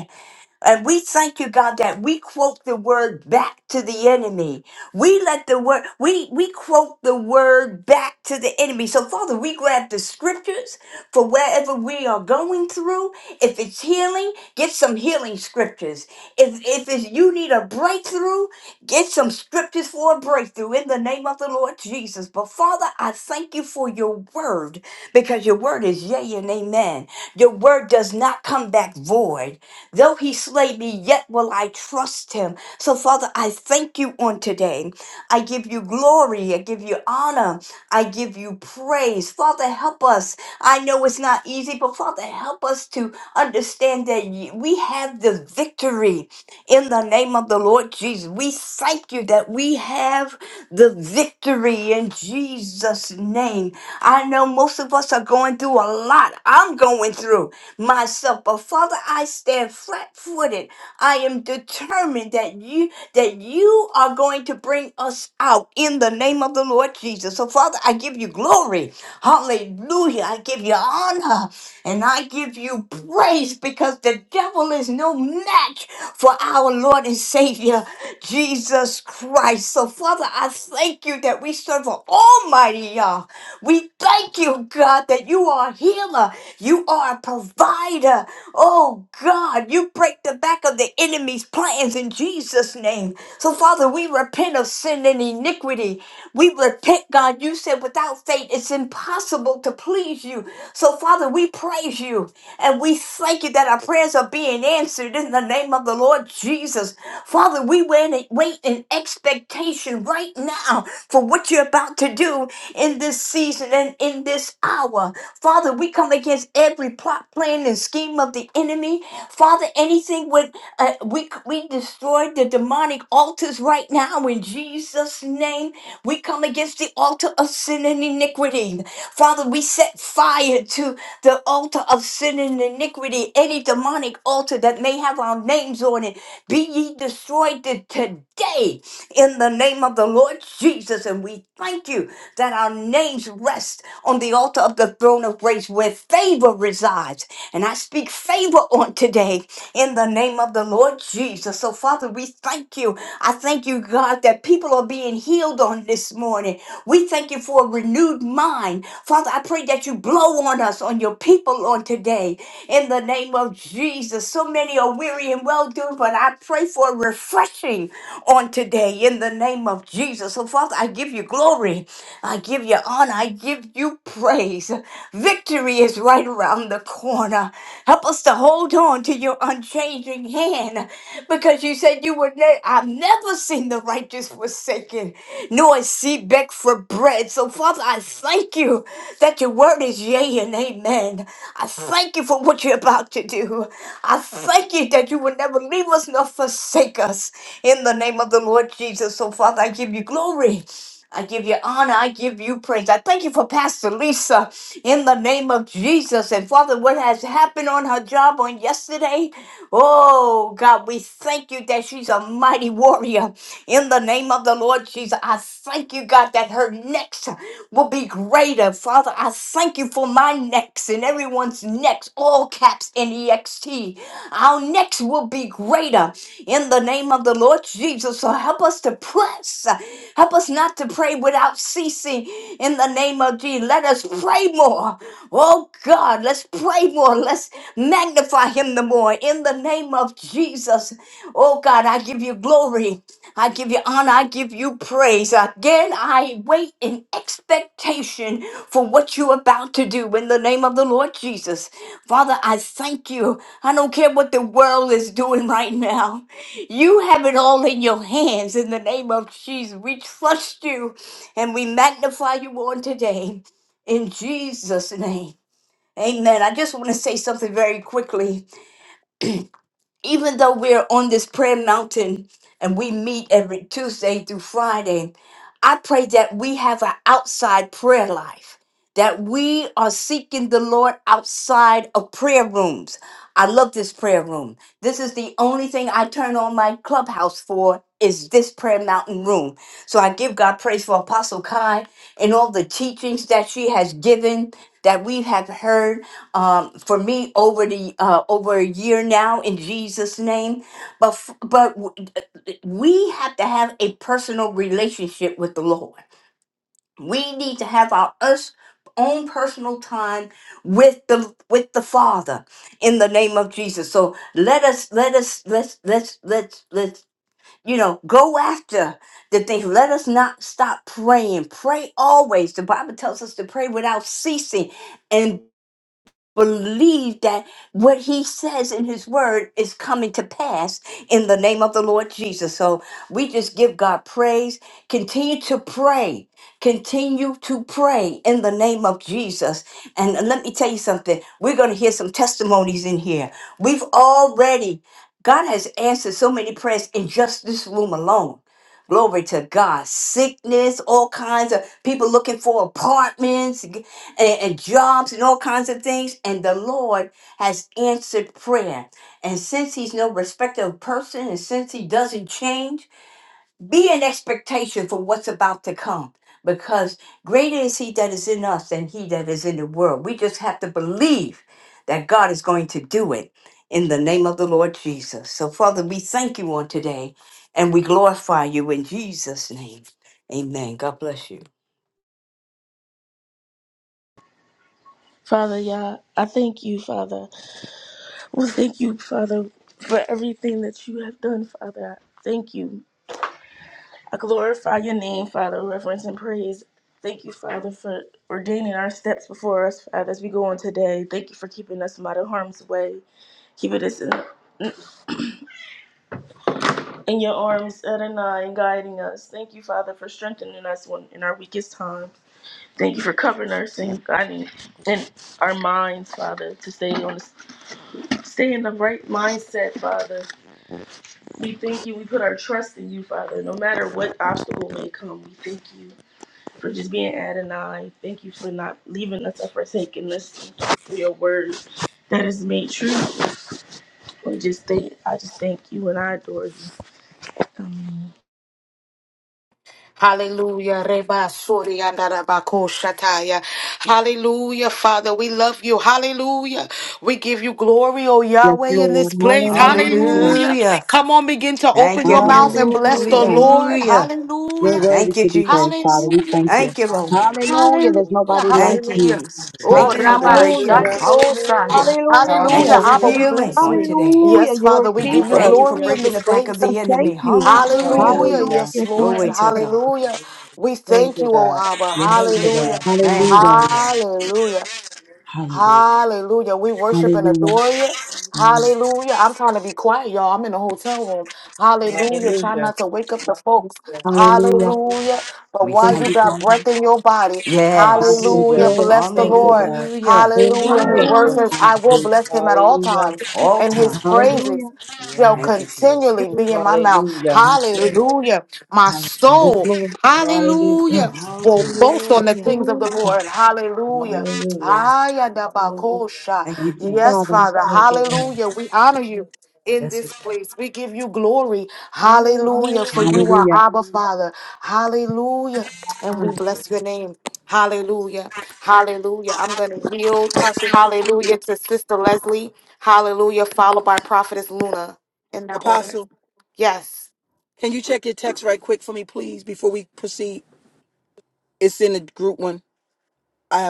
Speaker 5: And we thank you, God, that we quote the word back to the enemy. We let the word, we, we quote the word back to the enemy. So, Father, we grab the scriptures for wherever we are going through. If it's healing, get some healing scriptures. If, if it's, you need a breakthrough, get some scriptures for a breakthrough in the name of the Lord Jesus. But, Father, I thank you for your word because your word is yea and amen. Your word does not come back void. Though he slay me, yet will I trust him. So, Father, I thank you on today. I give you glory. I give you honor. I give you praise. Father, help us. I know it's not easy, but Father, help us to understand that y- we have the victory in the name of the Lord Jesus. We thank you that we have the victory in Jesus' name. I know most of us are going through a lot. I'm going through myself. But Father, I stand flat-footed. I am determined that you that you are going to bring us out in the name of the Lord Jesus. So Father, I give you glory. Hallelujah. I give you honor and I give you praise because the devil is no match for our Lord and Savior Jesus Christ. So Father, I thank you that we serve an almighty Yah. We thank you, God, that you are a healer. You are a provider. Oh, God, you break the back of the enemy's plans in Jesus' name. So, Father, we repent of sin and iniquity. We repent, God. You said without faith it's impossible to please you. So, Father, we praise you and we thank you that our prayers are being answered in the name of the Lord Jesus. Father, we wait wait in expectation right now for what you're about to do in this season and in this hour. Father, we come against every plot, plan, and scheme of the enemy. Father, anything with uh, we we destroy the demonic altars right now in Jesus' name. We come against the altar of sin and iniquity. Father, we set fire to the altar of sin and iniquity. Any demonic altar that may have our names on it, be ye destroyed to- today in the name of the Lord Jesus. And we thank you that our names rest on the altar of the throne of grace where favor resides. And I speak favor on today in the name of the Lord Jesus. So, Father, we thank you. I thank you, God, that people are being healed on this morning. We thank you for a renewed mind. Father, I pray that you blow on us, on your people on today in the name of Jesus. So many are weary and well doing, but I pray for refreshing on today in the name of Jesus. So, Father, I give you glory. I give you honor. I give you praise. Victory is right around the corner. Help us to hold on to your unchanging hand because you because you said you would. Ne- I've never seen the righteous forsaken, nor a seed beg for bread. So, Father, I thank you that your word is yea and amen. I thank you for what you're about to do. I thank you that you will never leave us nor forsake us in the name of the Lord Jesus. So, Father, I give you glory. I give you honor. I give you praise. I thank you for Pastor Lisa in the name of Jesus. And Father, what has happened on her job on yesterday? Oh, God, we thank you that she's a mighty warrior in the name of the Lord Jesus. I thank you, God, that her next will be greater. Father, I thank you for my necks and everyone's necks all caps N E X T. Our next will be greater in the name of the Lord Jesus. So help us to press. Help us not to pray without ceasing in the name of Jesus. Let us pray more. Oh God, let's pray more. Let's magnify Him the more in the name of Jesus. Oh God, I give you glory. I give you honor. I give you praise. Again, I wait in expectation for what you're about to do in the name of the Lord Jesus. Father, I thank you. I don't care what the world is doing right now. You have it all in your hands in the name of Jesus. We trust you and we magnify you on today in Jesus' name. Amen. I just want to say something very quickly even though we're on this prayer mountain and we meet every Tuesday through Friday, I pray that we have an outside prayer life, that we are seeking the Lord outside of prayer rooms. I love this prayer room. This is the only thing I turn on my clubhouse for is this prayer mountain room. So I give God praise for Apostle Kai and all the teachings that she has given that we have heard um, for me over the uh, over a year now in Jesus name. But f- but w- we have to have a personal relationship with the Lord we need to have our us own personal time with the with the father in the name of jesus so let us let us let's let's let's let's you know go after the things let us not stop praying pray always the bible tells us to pray without ceasing and believe that what he says in his word is coming to pass in the name of the Lord Jesus. So we just give God praise. Continue to pray. Continue to pray in the name of Jesus. And let me tell you something. We're going to hear some testimonies in here. We've already, God has answered so many prayers in just this room alone. Glory to God. Sickness, all kinds of people looking for apartments and, and jobs and all kinds of things. And the Lord has answered prayer. And since He's no respecter of person, and since He doesn't change, be in expectation for what's about to come. Because greater is He that is in us than He that is in the world. We just have to believe that God is going to do it in the name of the Lord Jesus. So, Father, we thank you on today and we glorify you in Jesus' name. Amen. God bless you.
Speaker 6: Father, Yah, I thank you, Father. Well, thank you, Father, for everything that you have done, Father. I Thank you. I glorify your name, Father, reverence and praise. Thank you, Father, for ordaining our steps before us, Father, as we go on today. Thank you for keeping us from out of harm's way, keeping us in, in your arms, Adonai, and guiding us. Thank you, Father, for strengthening us when, in our weakest time. Thank you for covering us and guiding in our minds, Father, to stay on, stay in the right mindset, Father. We thank you. We put our trust in you, Father. No matter what obstacle may come, we thank you for just being Adonai. Thank you for not leaving us or forsaking us. Thank you for your word that is made true. We just thank. I just thank you and I adore you. Amen.
Speaker 1: Hallelujah. Reba suri andarabako shataya. Hallelujah, Father. We love you. Hallelujah. We give you glory, oh
Speaker 7: Yes,
Speaker 1: Yahweh, in
Speaker 7: Lord.
Speaker 1: this place.
Speaker 7: Hallelujah.
Speaker 1: Hallelujah.
Speaker 5: Hallelujah.
Speaker 1: Come on, begin to
Speaker 5: Thank
Speaker 1: open
Speaker 5: you,
Speaker 1: your mouth
Speaker 5: Lord.
Speaker 1: and bless the
Speaker 7: Hallelujah.
Speaker 1: Lord.
Speaker 5: Hallelujah.
Speaker 7: You're
Speaker 1: Hallelujah.
Speaker 7: worthy
Speaker 5: Thank you,
Speaker 7: to be praised, Father.
Speaker 5: Jesus.
Speaker 7: We
Speaker 1: Hallelujah.
Speaker 7: thank you.
Speaker 5: Thank you, Lord.
Speaker 7: Hallelujah. There's
Speaker 1: Hallelujah.
Speaker 7: nobody like
Speaker 5: Thank you,
Speaker 7: you.
Speaker 1: Hallelujah.
Speaker 5: Jesus.
Speaker 1: Oh,
Speaker 5: Thank you for the
Speaker 1: Rabba
Speaker 7: Hallelujah.
Speaker 5: breakthrough.
Speaker 8: Hallelujah.
Speaker 1: Shandiosa.
Speaker 5: Hallelujah. Thank you
Speaker 1: Hallelujah.
Speaker 7: Hallelujah.
Speaker 5: for
Speaker 1: Abba, we
Speaker 8: Hallelujah.
Speaker 5: healing
Speaker 1: bless
Speaker 5: on
Speaker 1: you.
Speaker 5: today.
Speaker 7: Hallelujah.
Speaker 1: Yes,
Speaker 7: You're
Speaker 1: Father,
Speaker 7: a
Speaker 1: we give you
Speaker 7: keeper.
Speaker 5: Thank you for
Speaker 1: glory
Speaker 8: Hallelujah.
Speaker 1: in
Speaker 5: breaking
Speaker 1: this
Speaker 5: the back of
Speaker 1: place.
Speaker 5: the
Speaker 7: Father,
Speaker 5: enemy.
Speaker 7: thank you.
Speaker 5: Hallelujah.
Speaker 1: Hallelujah.
Speaker 8: Hallelujah.
Speaker 1: Yes,
Speaker 7: Hallelujah. Thank
Speaker 1: Lord.
Speaker 5: Glory
Speaker 7: you.
Speaker 5: to
Speaker 7: Thank-
Speaker 5: God.
Speaker 1: Hallelujah. We
Speaker 8: Thank
Speaker 1: thank
Speaker 8: you,
Speaker 1: you, O
Speaker 8: God.
Speaker 1: Abba.
Speaker 4: yeah,
Speaker 8: Thank you,
Speaker 1: Hallelujah.
Speaker 8: God.
Speaker 5: Thank you,
Speaker 7: Hallelujah.
Speaker 5: God.
Speaker 1: Hallelujah.
Speaker 4: hallelujah.
Speaker 1: Hallelujah. We worship and
Speaker 7: Hallelujah.
Speaker 1: adore you.
Speaker 4: Mm,
Speaker 1: Hallelujah. I'm trying to be quiet, y'all. I'm in a hotel room. Hallelujah. Try
Speaker 8: Hallelujah.
Speaker 1: not to wake up the folks.
Speaker 7: Hallelujah.
Speaker 1: Hallelujah. But
Speaker 5: We
Speaker 1: while
Speaker 7: Thank
Speaker 5: thank
Speaker 1: you
Speaker 7: you,
Speaker 5: you.
Speaker 1: got
Speaker 7: Father.
Speaker 1: breath in your body,
Speaker 7: Ah,
Speaker 5: Yes.
Speaker 7: yes,
Speaker 1: hallelujah.
Speaker 8: Hallelujah.
Speaker 7: Lord.
Speaker 1: Bless the
Speaker 8: Thank you,
Speaker 1: Lord.
Speaker 8: God.
Speaker 5: Hallelujah.
Speaker 1: Hallelujah. His
Speaker 7: Hallelujah.
Speaker 8: Thank
Speaker 1: word
Speaker 8: you.
Speaker 6: Hallelujah.
Speaker 1: says, I will
Speaker 4: Hallelujah.
Speaker 1: bless him at all
Speaker 8: Hallelujah.
Speaker 1: times,
Speaker 5: All
Speaker 1: and his
Speaker 5: time.
Speaker 7: Hallelujah.
Speaker 1: praises shall
Speaker 4: Yeah,
Speaker 5: Thank you, Jesus.
Speaker 1: continually be in my mouth.
Speaker 8: Hallelujah.
Speaker 4: that's it.
Speaker 1: Hallelujah. My
Speaker 7: Yes,
Speaker 4: Hallelujah.
Speaker 1: soul,
Speaker 7: Lord.
Speaker 4: Mm.
Speaker 8: Hallelujah.
Speaker 1: hallelujah, will boast on the
Speaker 5: Hallelujah.
Speaker 1: things of the
Speaker 7: Hallelujah.
Speaker 1: Lord. Hallelujah.
Speaker 8: Hallelujah.
Speaker 1: Ayadabakosha.
Speaker 5: Thank you,
Speaker 7: Thank you,
Speaker 5: Jesus.
Speaker 1: Yes,
Speaker 7: Father.
Speaker 1: Father.
Speaker 8: Thank you,
Speaker 4: mm.
Speaker 1: Hallelujah. We honor you in
Speaker 4: Yes,
Speaker 1: this place. We give you glory. Hallelujah. For
Speaker 4: we
Speaker 1: you
Speaker 5: Hallelujah.
Speaker 1: are
Speaker 7: Hallelujah.
Speaker 1: Abba, Father. Hallelujah. And
Speaker 4: can.
Speaker 1: we bless your name. Hallelujah. Hallelujah. I'm going to yield.
Speaker 2: Apostle,
Speaker 1: Hallelujah to Sister Leslie. Hallelujah, followed by Prophetess Luna in that order.
Speaker 2: Apostle,
Speaker 1: Yes,
Speaker 2: can you check your text right quick for me, please, before we proceed? It's one. I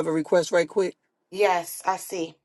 Speaker 2: quit.
Speaker 1: yes, I see.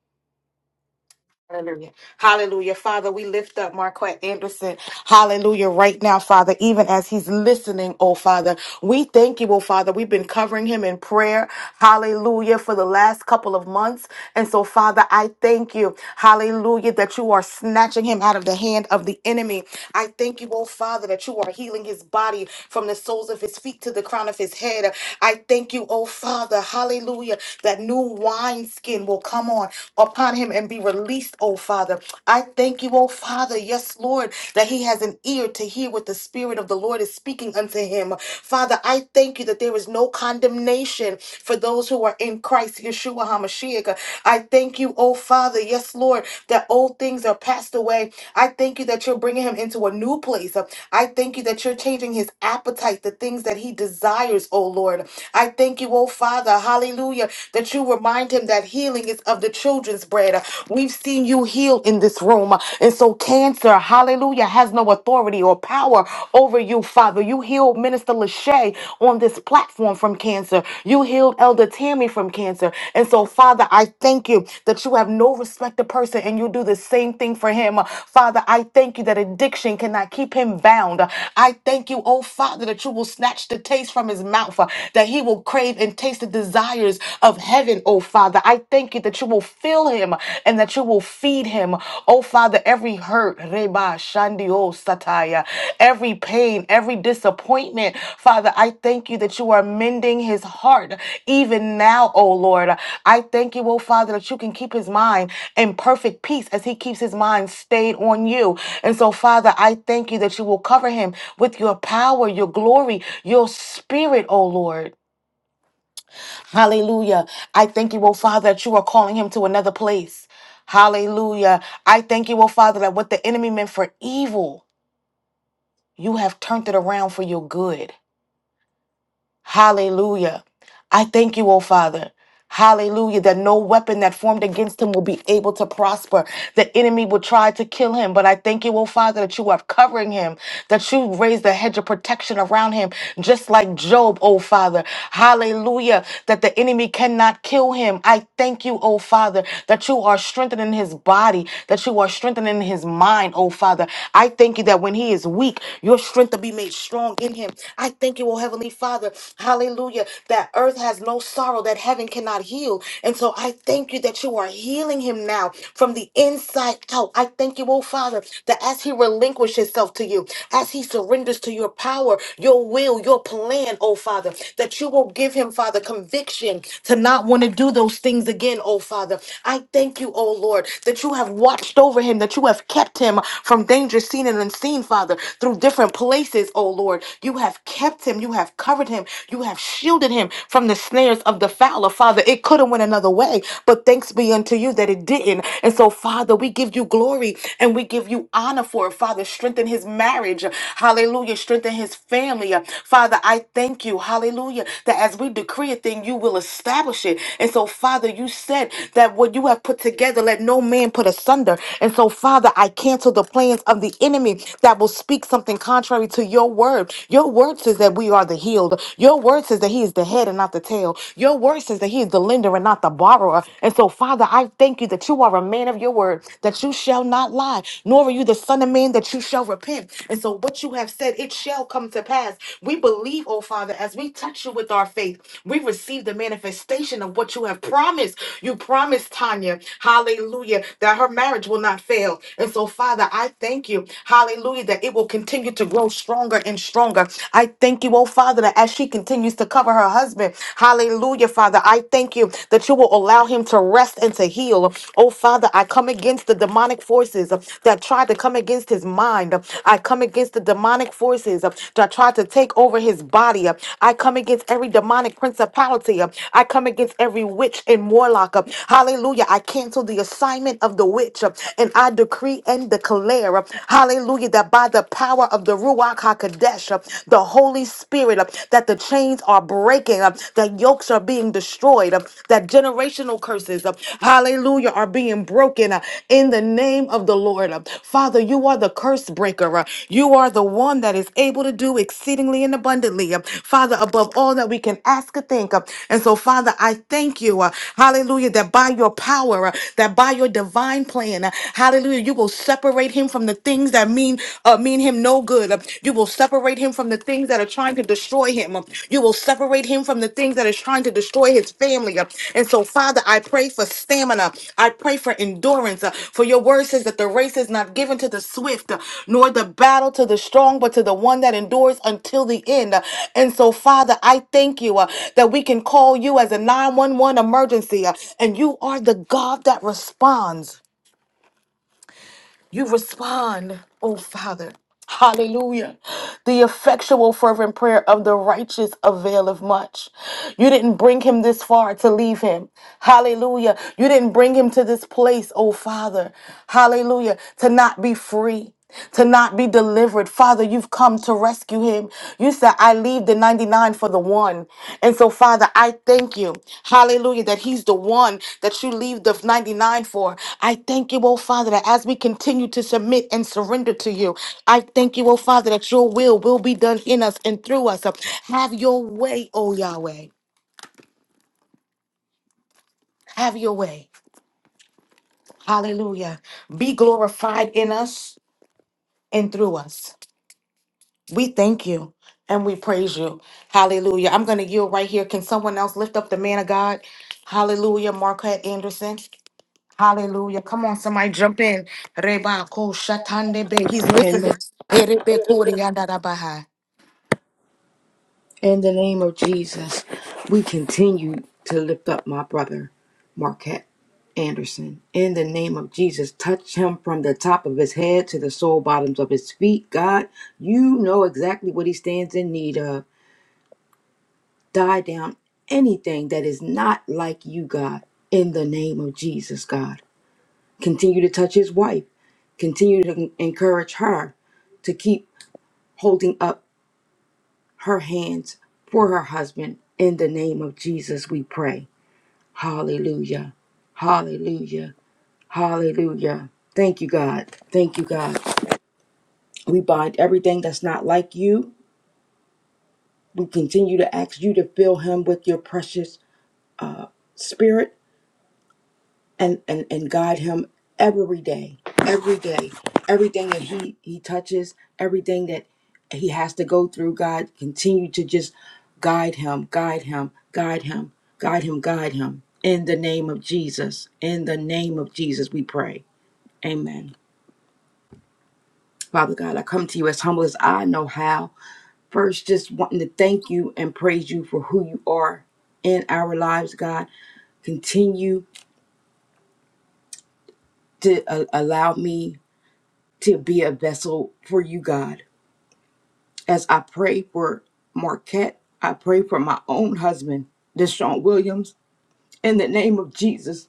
Speaker 1: Hallelujah. Hallelujah. Father, we lift up Marquette Anderson. Hallelujah. Right now, Father, even as he's listening, oh Father, we thank you, oh Father. We've been covering him in prayer. Hallelujah. For the last couple of months. And so, Father, I thank you. Hallelujah. That you are snatching him out of the hand of the enemy. I thank you, oh Father, that you are healing his body from the soles of his feet to the crown of his head. I thank you, oh Father. Hallelujah. That new wine skin will come on upon him and be released, oh Father. I thank you, oh Father, yes, Lord, that he has an ear to hear what the Spirit of the Lord is speaking unto him. Father, I thank you that there is no condemnation for those who are in Christ, Yeshua HaMashiach. I thank you, oh Father, yes, Lord, that old things are passed away. I thank you that you're bringing him into a new place. I thank you that you're changing his appetite, the things that he desires, oh Lord. I thank you, oh Father, hallelujah, that you remind him that healing is of the children children's bread. We've seen you heal in this room. And so cancer, hallelujah, has no authority or power over you, Father. You healed Minister Lachey on this platform from cancer. You healed Elder Tammy from cancer. And so, Father, I thank you that you have no respect to person and you do the same thing for him. Father, I thank you that addiction cannot keep him bound. I thank you, oh Father, that you will snatch the taste from his mouth, that he will crave and taste the desires of of heaven, oh Father. I thank you that you will fill him and that you will feed him, oh Father, every hurt, Reba Shandio Sataya, every pain, every disappointment. Father, I thank you that you are mending his heart even now, oh Lord. I thank you, oh Father, that you can keep his mind in perfect peace as he keeps his mind stayed on you. And so, Father, I thank you that you will cover him with your power, your glory, your spirit, oh Lord. Hallelujah. I thank you, oh Father, that you are calling him to another place. Hallelujah. I thank you, oh Father, that what the enemy meant for evil, you have turned it around for your good. Hallelujah. I thank you, oh Father. Hallelujah, that no weapon that formed against him will be able to prosper. The enemy will try to kill him, but I thank you, oh Father, that you are covering him, that you raised a hedge of protection around him, just like Job, oh Father. Hallelujah, that the enemy cannot kill him. I thank you, oh Father, that you are strengthening his body, that you are strengthening his mind, oh Father. I thank you that when he is weak, your strength will be made strong in him. I thank you, oh Heavenly Father, hallelujah, that earth earth has no sorrow that heaven cannot heal. And so I thank you that you are healing him now from the inside out. I thank you, oh Father, that as he relinquishes himself to you, as he surrenders to your power, your will, your plan, oh Father, that you will give him, Father, conviction to not want to do those things again, oh Father. I thank you, oh Lord, that you have watched over him, that you have kept him from danger seen and unseen, Father, through different places, oh Lord. You have kept him, you have covered him, you have shielded him from the snares of the fowler, Father. It could have went another way, but thanks be unto you that it didn't. And so, Father, we give you glory and we give you honor for it. Father, strengthen his marriage. Hallelujah. Strengthen his family. Father, I thank you. Hallelujah. That as we decree a thing, you will establish it. And so, Father, you said that what you have put together, let no man put asunder. And so, Father, I cancel the plans of the enemy that will speak something contrary to your word. Your word word says that we are the healed. Your word says that He is the head and not the tail. Your word says that He is the lender and not the borrower. And so, Father, I thank you that you are a man of your word, that you shall not lie, nor are you the Son of Man that you shall repent. And so, what you have said, it shall come to pass. We believe, oh Father, as we touch you with our faith, we receive the manifestation of what you have promised. You promised Tanya, hallelujah, that her marriage will not fail. And so, Father, I thank you, hallelujah, that it will continue to grow stronger and stronger. I thank you, oh Father, that as she continues to cover her husband, hallelujah, Father, I thank you that you will allow him to rest and to heal. Oh Father, I come against the demonic forces uh, that tried to come against his mind. I come against the demonic forces uh, that tried to take over his body. I come against every demonic principality. I come against every witch and warlock. Hallelujah. I cancel the assignment of the witch and I decree and declare hallelujah, that by the power of the Ruach HaKodesh, uh, the Holy Spirit, uh, that the chains are breaking, uh, that yokes are being destroyed, uh, that generational curses, uh, hallelujah, are being broken uh, in the name of the Lord. uh. Father, you are the curse breaker. uh, You are the one that is able to do exceedingly and abundantly, uh, Father, above all that we can ask or think. uh. And so, Father, I thank you, uh, hallelujah, that by your power, uh, that by your divine plan, uh, hallelujah, you will will separate him from the things that mean uh, mean him no good. Uh, You will separate him from the things that are trying to destroy him. Uh, You will separate him from the things that is trying to destroy his family. Uh, And so, Father, I pray for stamina. I pray for endurance. Uh, For your word says that the race is not given to the swift, uh, nor the battle to the strong, but to the one that endures until the end. Uh, And so, Father, I thank you uh, that we can call you as a 911 emergency, uh, and you are the God that responds. You respond, oh Father. Hallelujah. The effectual, fervent prayer of the righteous availeth much. You didn't bring him this far to leave him. Hallelujah. You didn't bring him to this place, oh Father. Hallelujah. To not be free to not be delivered. Father, you've come to rescue him. You said, I leave the 99 for the one. And so, Father, I thank you, hallelujah, that he's the one that you leave the 99 for. I thank you, oh Father, that as we continue to submit and surrender to you, I thank you, oh Father, that your will will be done in us and through us. Have your way, oh Yahweh. Have your way. Hallelujah. Be glorified in us and through us. We thank you and we praise you. Hallelujah. I'm going to yield right here. Can someone else lift up the man of God? Hallelujah. Marquette Anderson. Hallelujah. Come on, somebody jump in. Reba ko shatande be. He's
Speaker 8: God.
Speaker 1: listening. Erebe kori yandarabaha.
Speaker 8: In the name of Jesus, we continue to lift up my brother, Marquette Anderson. In the name of Jesus, touch him from the top of his head to the sole bottoms of his feet. God, you know exactly what he stands in need of. Die down anything that is not like you, God. In the name of Jesus, God. Continue to touch his wife. Continue to encourage her to keep holding up her hands for her husband. In the name of Jesus, we pray. Hallelujah. Hallelujah. Hallelujah. Thank you, God. Thank you, God. We bind everything that's not like you. We continue to ask you to fill him with your precious uh, spirit and, and, and guide him every day, every day. Everything that he, he touches, everything that he has to go through, God, continue to just guide him, guide him, guide him, guide him, guide him. In the name of Jesus, in the name of Jesus, we pray. Amen. Father God, I come to you as humble as I know how. First, just wanting to thank you and praise you for who you are in our lives, God. Continue to uh, allow me to be a vessel for you, God. As I pray for Marquette, I pray for my own husband, Deshaun Williams. In the name of Jesus,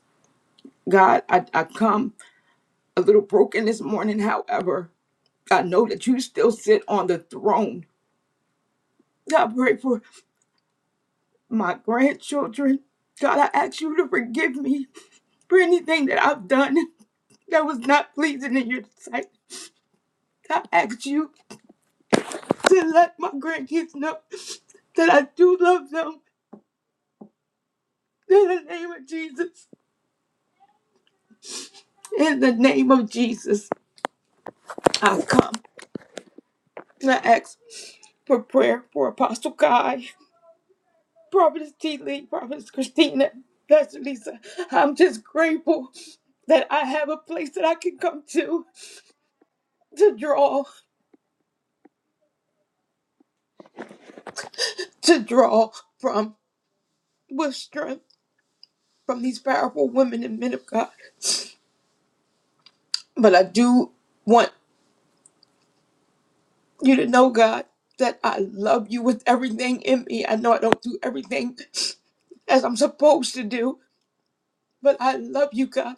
Speaker 8: God, I, I come a little broken this morning. However, I know that you still sit on the throne. God, I pray for my grandchildren. God, I ask you to forgive me for anything that I've done that was not pleasing in your sight. I ask you to let my grandkids know that I do love them in the name of Jesus. In the name of Jesus, I come and I ask for prayer for Apostle Guy, Prophetess T. Lee, Prophetess Christina, Pastor Lisa. I'm just grateful that I have a place that I can come to to draw. to draw from with strength from these powerful women and men of God. But I do want you to know, God, that I love you with everything in me. I know I don't do everything as I'm supposed to do, but I love you, God.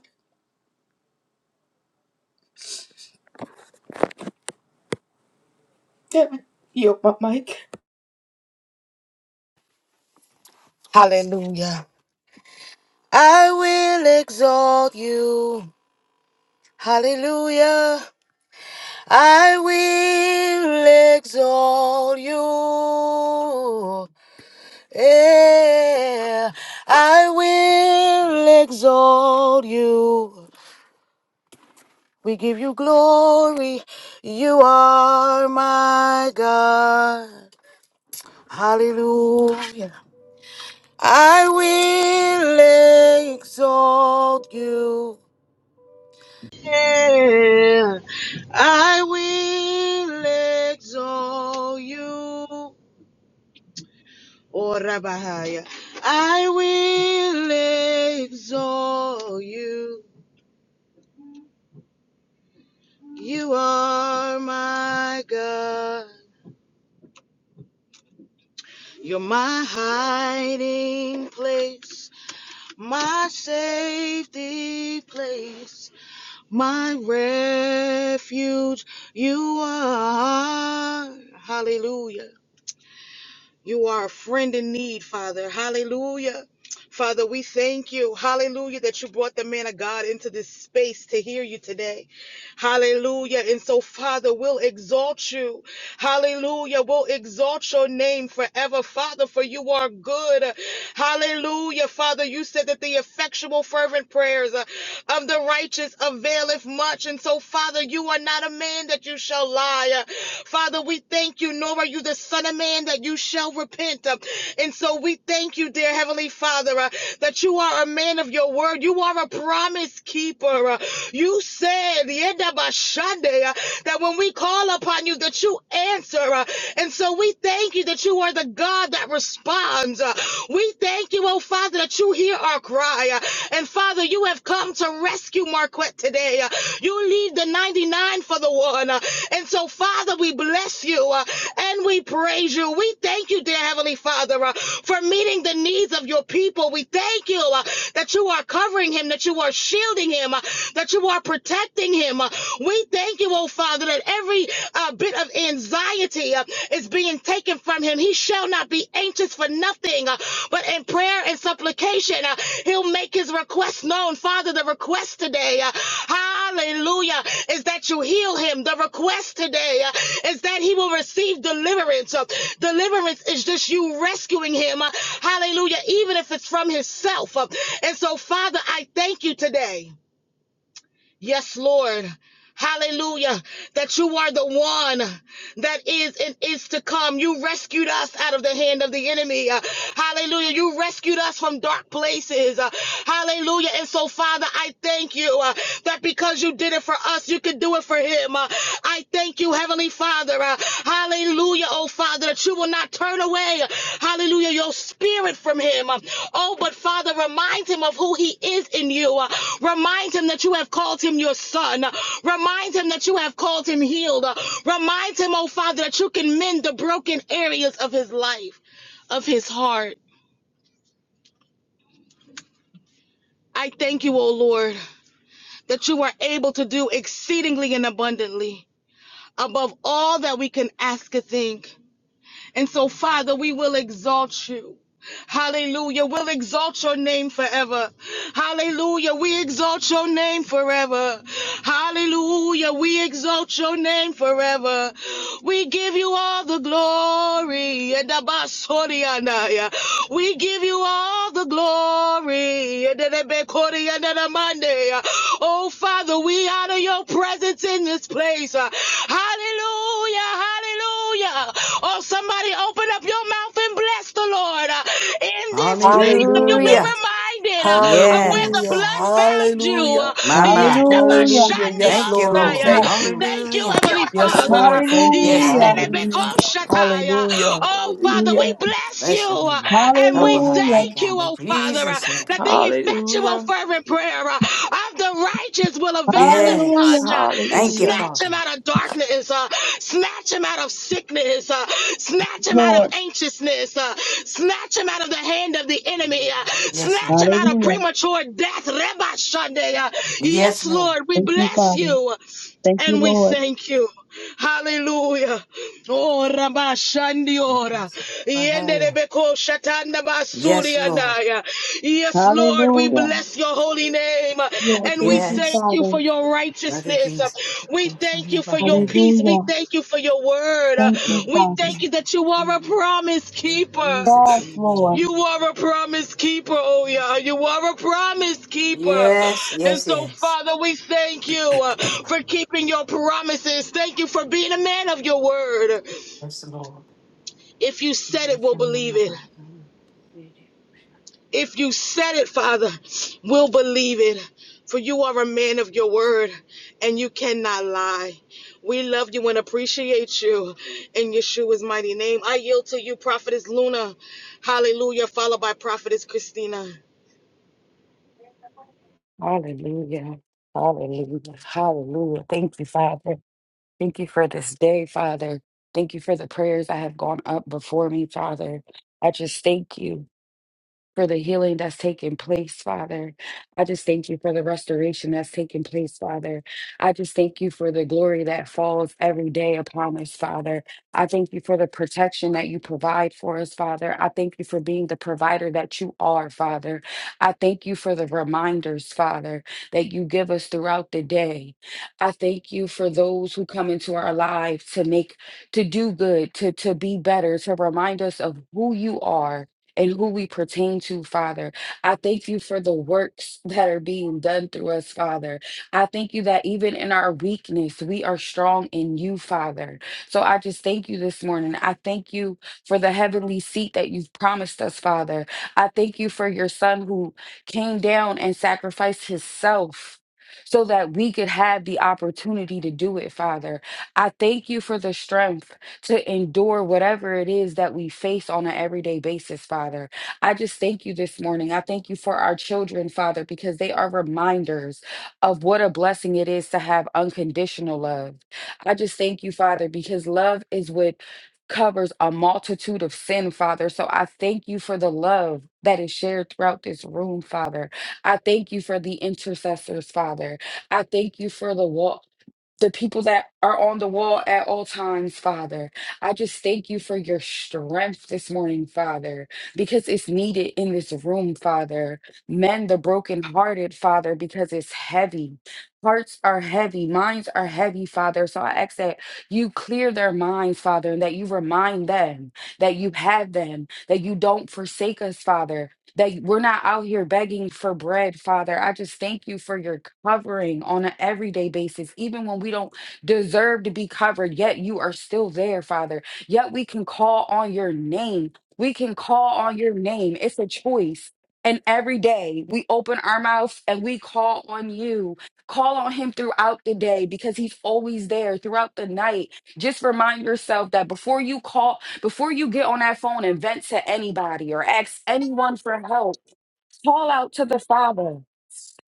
Speaker 8: Can I yield my mic?
Speaker 1: Hallelujah. I will exalt you. Hallelujah. I will exalt you. Yeah, I will exalt you. We give you glory. You are my God. Hallelujah. I will exalt you. Yeah, I will exalt you. Oh, Rabbi, I will exalt you. You are my God. You're my hiding place, my safety place, my refuge. You are. Hallelujah. You are a friend in need, Father. Hallelujah. Father, we thank you. Hallelujah that you brought the man of God into this space to hear you today. Hallelujah. And so, Father, we'll exalt you. Hallelujah. We'll exalt your name forever, Father, for you are good. Hallelujah. Father, you said that the effectual, fervent prayers uh, of the righteous availeth much. And so, Father, you are not a man that you shall lie. Uh, Father, we thank you, nor are you the Son of Man that you shall repent. Uh, And so, we thank you, dear Heavenly Father, uh, that you are a man of your word. You are a promise keeper. Uh, You said "Yedabashande," that when we call upon you, that you answer. uh, And so we thank you that you are the God that responds. uh, We thank you, oh Father, that you hear our cry. uh, And Father, you have come to rescue Marquette today. uh, You leave the 99 for the one. uh, And so, Father, we bless you uh, and we praise you. We thank you, dear Heavenly Father, uh, for meeting the needs of your people. We thank you uh, that you are covering him, that you are shielding him, uh, that you are protecting him. Uh, We thank you, oh Father, that every uh, bit of anxiety uh, is being taken from him. He shall not be anxious for nothing, uh, but in prayer and supplication, uh, he'll make his request known. Father, the request today, uh, hallelujah, is that you heal him. The request today uh, is that he will receive deliverance. Uh, deliverance is just you rescuing him. uh, hallelujah, even if it's from himself. Uh, and so, Father, I thank you today Yes, Lord. Hallelujah. That you are the one that is and is to come. You rescued us out of the hand of the enemy. Uh, hallelujah. You rescued us from dark places. Uh, hallelujah. And so, Father, I thank you uh, that because you did it for us, you could do it for him. Uh, I thank you, Heavenly Father. Uh, hallelujah, oh Father, that you will not turn away, uh, hallelujah, your spirit from him. Um, oh, but Father, remind him of who he is in you. Uh, remind him that you have called him your son. Uh, remind him that you have called him healed. Uh, remind him, oh Father, that you can mend the broken areas of his life, of his heart. I thank you, oh Lord, that you are able to do exceedingly and abundantly above all that we can ask or think And so, Father, we will exalt you. Hallelujah. We'll exalt your name forever. Hallelujah. We exalt your name forever. Hallelujah. We exalt your name forever. We give you all the glory. We give you all the glory. Oh, Father, we honor your presence in this place. Hallelujah. Hallelujah. Hallelujah. Oh, somebody open up your mouth and bless the Lord. Uh, In this place, if you'll be
Speaker 5: Hallelujah.
Speaker 2: Hallelujah.
Speaker 1: reminded uh, of where the
Speaker 2: Hallelujah.
Speaker 5: Yes,
Speaker 1: blood found you.
Speaker 2: Hallelujah.
Speaker 1: uh,
Speaker 5: my, my.
Speaker 7: Hallelujah.
Speaker 2: Hallelujah. Yes,
Speaker 5: Thank you,
Speaker 2: Lord. We
Speaker 7: Yes,
Speaker 5: Lord.
Speaker 2: thank
Speaker 7: Lord.
Speaker 1: Yendabashandiosaya.
Speaker 2: you.
Speaker 1: Thank you,
Speaker 5: Hallelujah.
Speaker 1: Heavenly
Speaker 2: Yes,
Speaker 1: Father.
Speaker 2: Lord. Thank you,
Speaker 5: Yes,
Speaker 7: Hallelujah.
Speaker 5: Lord.
Speaker 2: Father.
Speaker 8: Hallelujah.
Speaker 1: Yendelebekoshataya.
Speaker 2: Hallelujah.
Speaker 1: Oh, Father, we
Speaker 8: Hallelujah.
Speaker 1: bless you
Speaker 5: Bless the
Speaker 1: uh,
Speaker 5: Lord.
Speaker 1: and
Speaker 5: Help
Speaker 1: we
Speaker 5: us up
Speaker 7: Hallelujah.
Speaker 5: right
Speaker 1: thank
Speaker 5: now
Speaker 1: you,
Speaker 5: in
Speaker 1: oh, Father. uh, uh,
Speaker 5: Jesus' name.
Speaker 1: that the effectual
Speaker 8: Hallelujah.
Speaker 1: fervent prayer uh, of the righteous will avail
Speaker 7: Hallelujah.
Speaker 5: Yes.
Speaker 1: much. Uh,
Speaker 5: Thank you,
Speaker 8: Hallelujah.
Speaker 1: snatch him
Speaker 5: Father.
Speaker 1: out of darkness, uh, snatch him out of sickness, uh, snatch him out of
Speaker 7: Lord.
Speaker 1: anxiousness, uh, snatch him out of the hand of the enemy, uh,
Speaker 5: Yes,
Speaker 1: snatch
Speaker 5: Lord.
Speaker 1: him out of
Speaker 7: Hallelujah.
Speaker 1: premature death. Rabbi Sunday, uh,
Speaker 5: Yes,
Speaker 1: yes,
Speaker 5: Lord.
Speaker 1: Lord, we
Speaker 7: Thank you,
Speaker 1: bless
Speaker 7: Father.
Speaker 1: you.
Speaker 7: Thank you,
Speaker 1: And we
Speaker 7: Lord.
Speaker 1: thank you. Hallelujah. Oh, Rabashandiora.
Speaker 5: Bahaya.
Speaker 1: Yenderebeko Shatanda Basuri
Speaker 5: Yes, Lord.
Speaker 1: anaya. Yes, Lord, we
Speaker 7: Hallelujah.
Speaker 1: bless your holy name.
Speaker 7: Lord,
Speaker 1: And
Speaker 7: thank
Speaker 1: we
Speaker 7: you,
Speaker 1: thank
Speaker 5: Yes.
Speaker 1: you
Speaker 7: Father.
Speaker 1: for your
Speaker 5: Blood of
Speaker 1: righteousness.
Speaker 5: Jesus.
Speaker 1: We
Speaker 5: Go from
Speaker 1: thank
Speaker 5: the
Speaker 1: you for your
Speaker 5: Bahaya.
Speaker 1: peace. We
Speaker 7: Hallelujah.
Speaker 1: thank you for your word.
Speaker 5: The
Speaker 7: Thank
Speaker 5: blood
Speaker 7: you,
Speaker 5: of
Speaker 1: We
Speaker 5: Jesus.
Speaker 7: Father.
Speaker 1: thank you that you are a
Speaker 5: In
Speaker 1: promise keeper.
Speaker 5: Jesus'
Speaker 7: Yes, Lord.
Speaker 5: name.
Speaker 1: You are a promise keeper, oh yeah. You are a promise keeper.
Speaker 5: Yes,
Speaker 1: And
Speaker 5: yes,
Speaker 1: so,
Speaker 5: yes.
Speaker 1: Father, we thank you uh, for keeping your promises. Thank you for being a man of your word.
Speaker 5: Yes, Lord.
Speaker 1: If you said it, we'll believe it. If you said it, Father, we'll believe it. For you are a man of your word and you cannot lie. We love you and appreciate you in Yeshua's mighty name. I yield to you, Prophetess Luna. Hallelujah. Followed by Prophetess Christina.
Speaker 9: Hallelujah. Hallelujah. Hallelujah. Thank you, Father. Thank you for this day, Father. Thank you for the prayers that have gone up before me, Father. I just thank you for the healing that's taking place, Father. I just thank you for the restoration that's taking place, Father. I just thank you for the glory that falls every day upon us, Father. I thank you for the protection that you provide for us, Father. I thank you for being the provider that you are, Father. I thank you for the reminders, Father, that you give us throughout the day. I thank you for those who come into our lives to make, to do good, to, to be better, to remind us of who you are and who we pertain to, Father. I thank you for the works that are being done through us, Father. I thank you that even in our weakness, we are strong in you, Father. So I just thank you this morning. I thank you for the heavenly seat that you've promised us, Father. I thank you for your son who came down and sacrificed himself. So that we could have the opportunity to do it, Father. I thank you for the strength to endure whatever it is that we face on an everyday basis, Father. I just thank you this morning. I thank you for our children, Father, because they are reminders of what a blessing it is to have unconditional love. I just thank you, Father, because love is what covers a multitude of sin, Father. So I thank you for the love that is shared throughout this room, Father. I thank you for the intercessors, Father. I thank you for the walk the people that are on the wall at all times, Father. I just thank you for your strength this morning, Father, because it's needed in this room, Father. Mend the brokenhearted, Father, because it's heavy. Hearts are heavy, minds are heavy, Father. So I ask that you clear their minds, Father, and that you remind them that you have them, that you don't forsake us, Father that we're not out here begging for bread, Father. I just thank you for your covering on an everyday basis, even when we don't deserve to be covered, yet you are still there, Father. Yet we can call on your name. We can call on your name. It's a choice. And every day we open our mouths and we call on you. Call on him throughout the day because he's always there throughout the night. Just remind yourself that before you call before you get on that phone and vent to anybody or ask anyone for help, call out to the Father.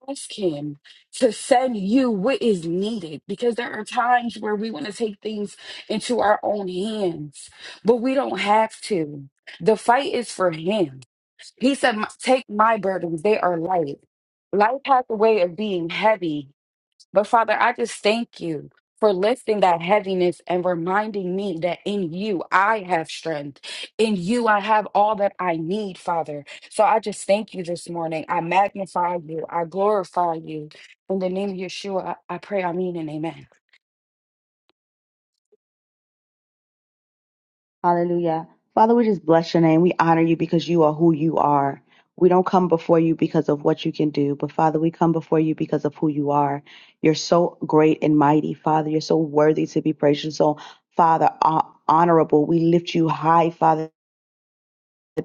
Speaker 9: Ask Him to send you what is needed because there are times where we want to take things into our own hands, but we don't have to. The fight is for Him. He said, "My- Take my burdens, they are light. Life has a way of being heavy but Father, I just thank you for lifting that heaviness and reminding me that in you I have strength. In you I have all that I need, Father. So I just thank you this morning. I magnify you. I glorify you. In the name of Yeshua, I I pray, I mean, and amen.
Speaker 7: Hallelujah. Father, we just bless your name. We honor you because you are who you are. We don't come before you because of what you can do, but Father, we come before you because of who you are. You're so great and mighty, Father. You're so worthy to be praised. You're so, Father, uh, honorable. We lift you high, Father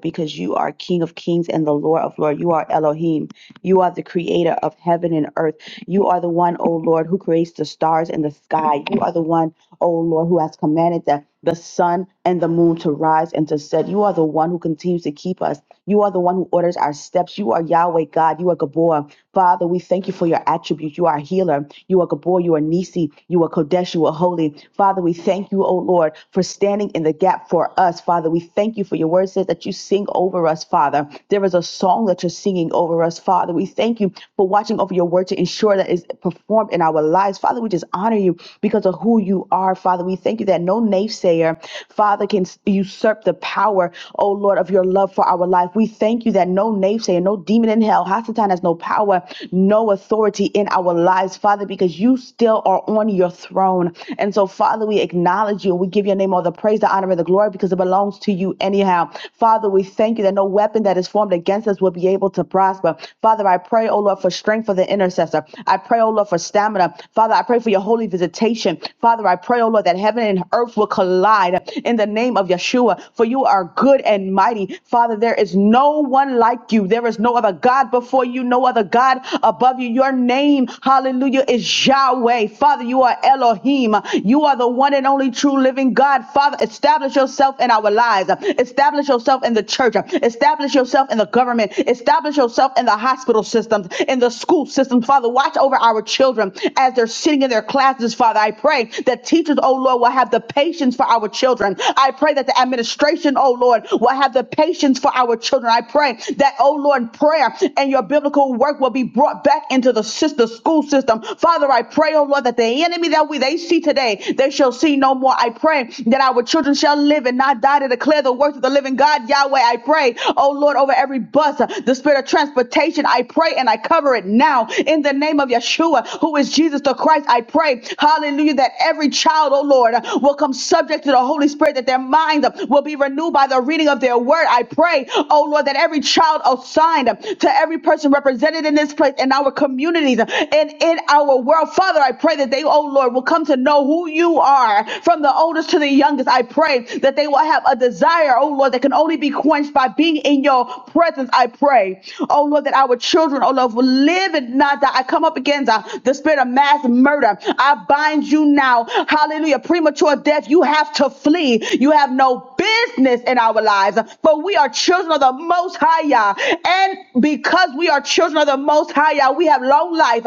Speaker 7: exalted because you are King of kings and the Lord of lords. You are Elohim. You are the creator of heaven and earth. You are the one, O Lord, who creates the stars and the sky. You are the one, O Lord, who has commanded the, the sun and the moon to rise and to set. You are the one who continues to keep us. You are the one who orders our steps. You are Yahweh God. You are Gabor. Father, we thank you for your attributes. You are healer. You are Gabor. You are Nisi. You are Kodesh. You are holy. Father, we thank you, O Lord, for standing in the gap for us. Father, we thank you for your word says that you sing over us, Father. There is a song that you're singing over us, Father. We thank you for watching over your word to ensure that it's performed in our lives. Father, we just honor you because of who you are, Father. We thank you that no naysayer, Father, can usurp the power, O Lord, of your love love for our life. We thank you that no naysayer, no demon in hell, Hasatan has no power, no authority in our lives, Father, because you still are on your throne. And so, Father, we acknowledge you. We give your name all the praise, the honor, and the glory because it belongs to you anyhow. Father, we thank you that no weapon that is formed against us will be able to prosper. Father, I pray, oh Lord, for strength for the intercessor. I pray, oh Lord, for stamina. Father, I pray for your holy visitation. Father, I pray, oh Lord, that heaven and earth will collide in the name of Yeshua, for you are good and and mighty. Father, there is no one like you. There is no other God before you, no other God above you. Your name, hallelujah, is Yahweh. Father, you are Elohim. You are the one and only true living God. Father, establish yourself in our lives. Establish yourself in the church. Establish yourself in the government. Establish yourself in the hospital systems, in the school systems, Father, watch over our children as they're sitting in their classes. Father, I pray that teachers, oh Lord, will have the patience for our children. I pray that the administration generation, oh Lord, will have the patience for our children. I pray that, oh Lord, prayer and your biblical work will be brought back into the sister school system. Father, I pray, oh Lord, that the enemy that we they see today, they shall see no more. I pray that our children shall live and not die to declare the works of the living God, Yahweh. I pray, oh Lord, over every bus, uh, the spirit of transportation. I pray and I cover it now in the name of Yeshua, who is Jesus the Christ. I pray, hallelujah, that every child, oh Lord, uh, will come subject to the Holy Spirit, that their minds minds uh, will be renewed by the reading of their word. I pray, oh Lord, that every child assigned uh, to every person represented in this place, in our communities, uh, and in our world, Father, I pray that they, oh Lord, will come to know who you are from the oldest to the youngest. I pray that they will have a desire, oh Lord, that can only be quenched by being in your presence. I pray, oh Lord, that our children, oh Lord, will live and not die. I come up against uh, the spirit of mass murder. I bind you now. Hallelujah. Premature death, you have to flee enemy. You have no business in our lives, for we are children of the Most High, Yah. and because we are children of the Most High, Yah, we have long life.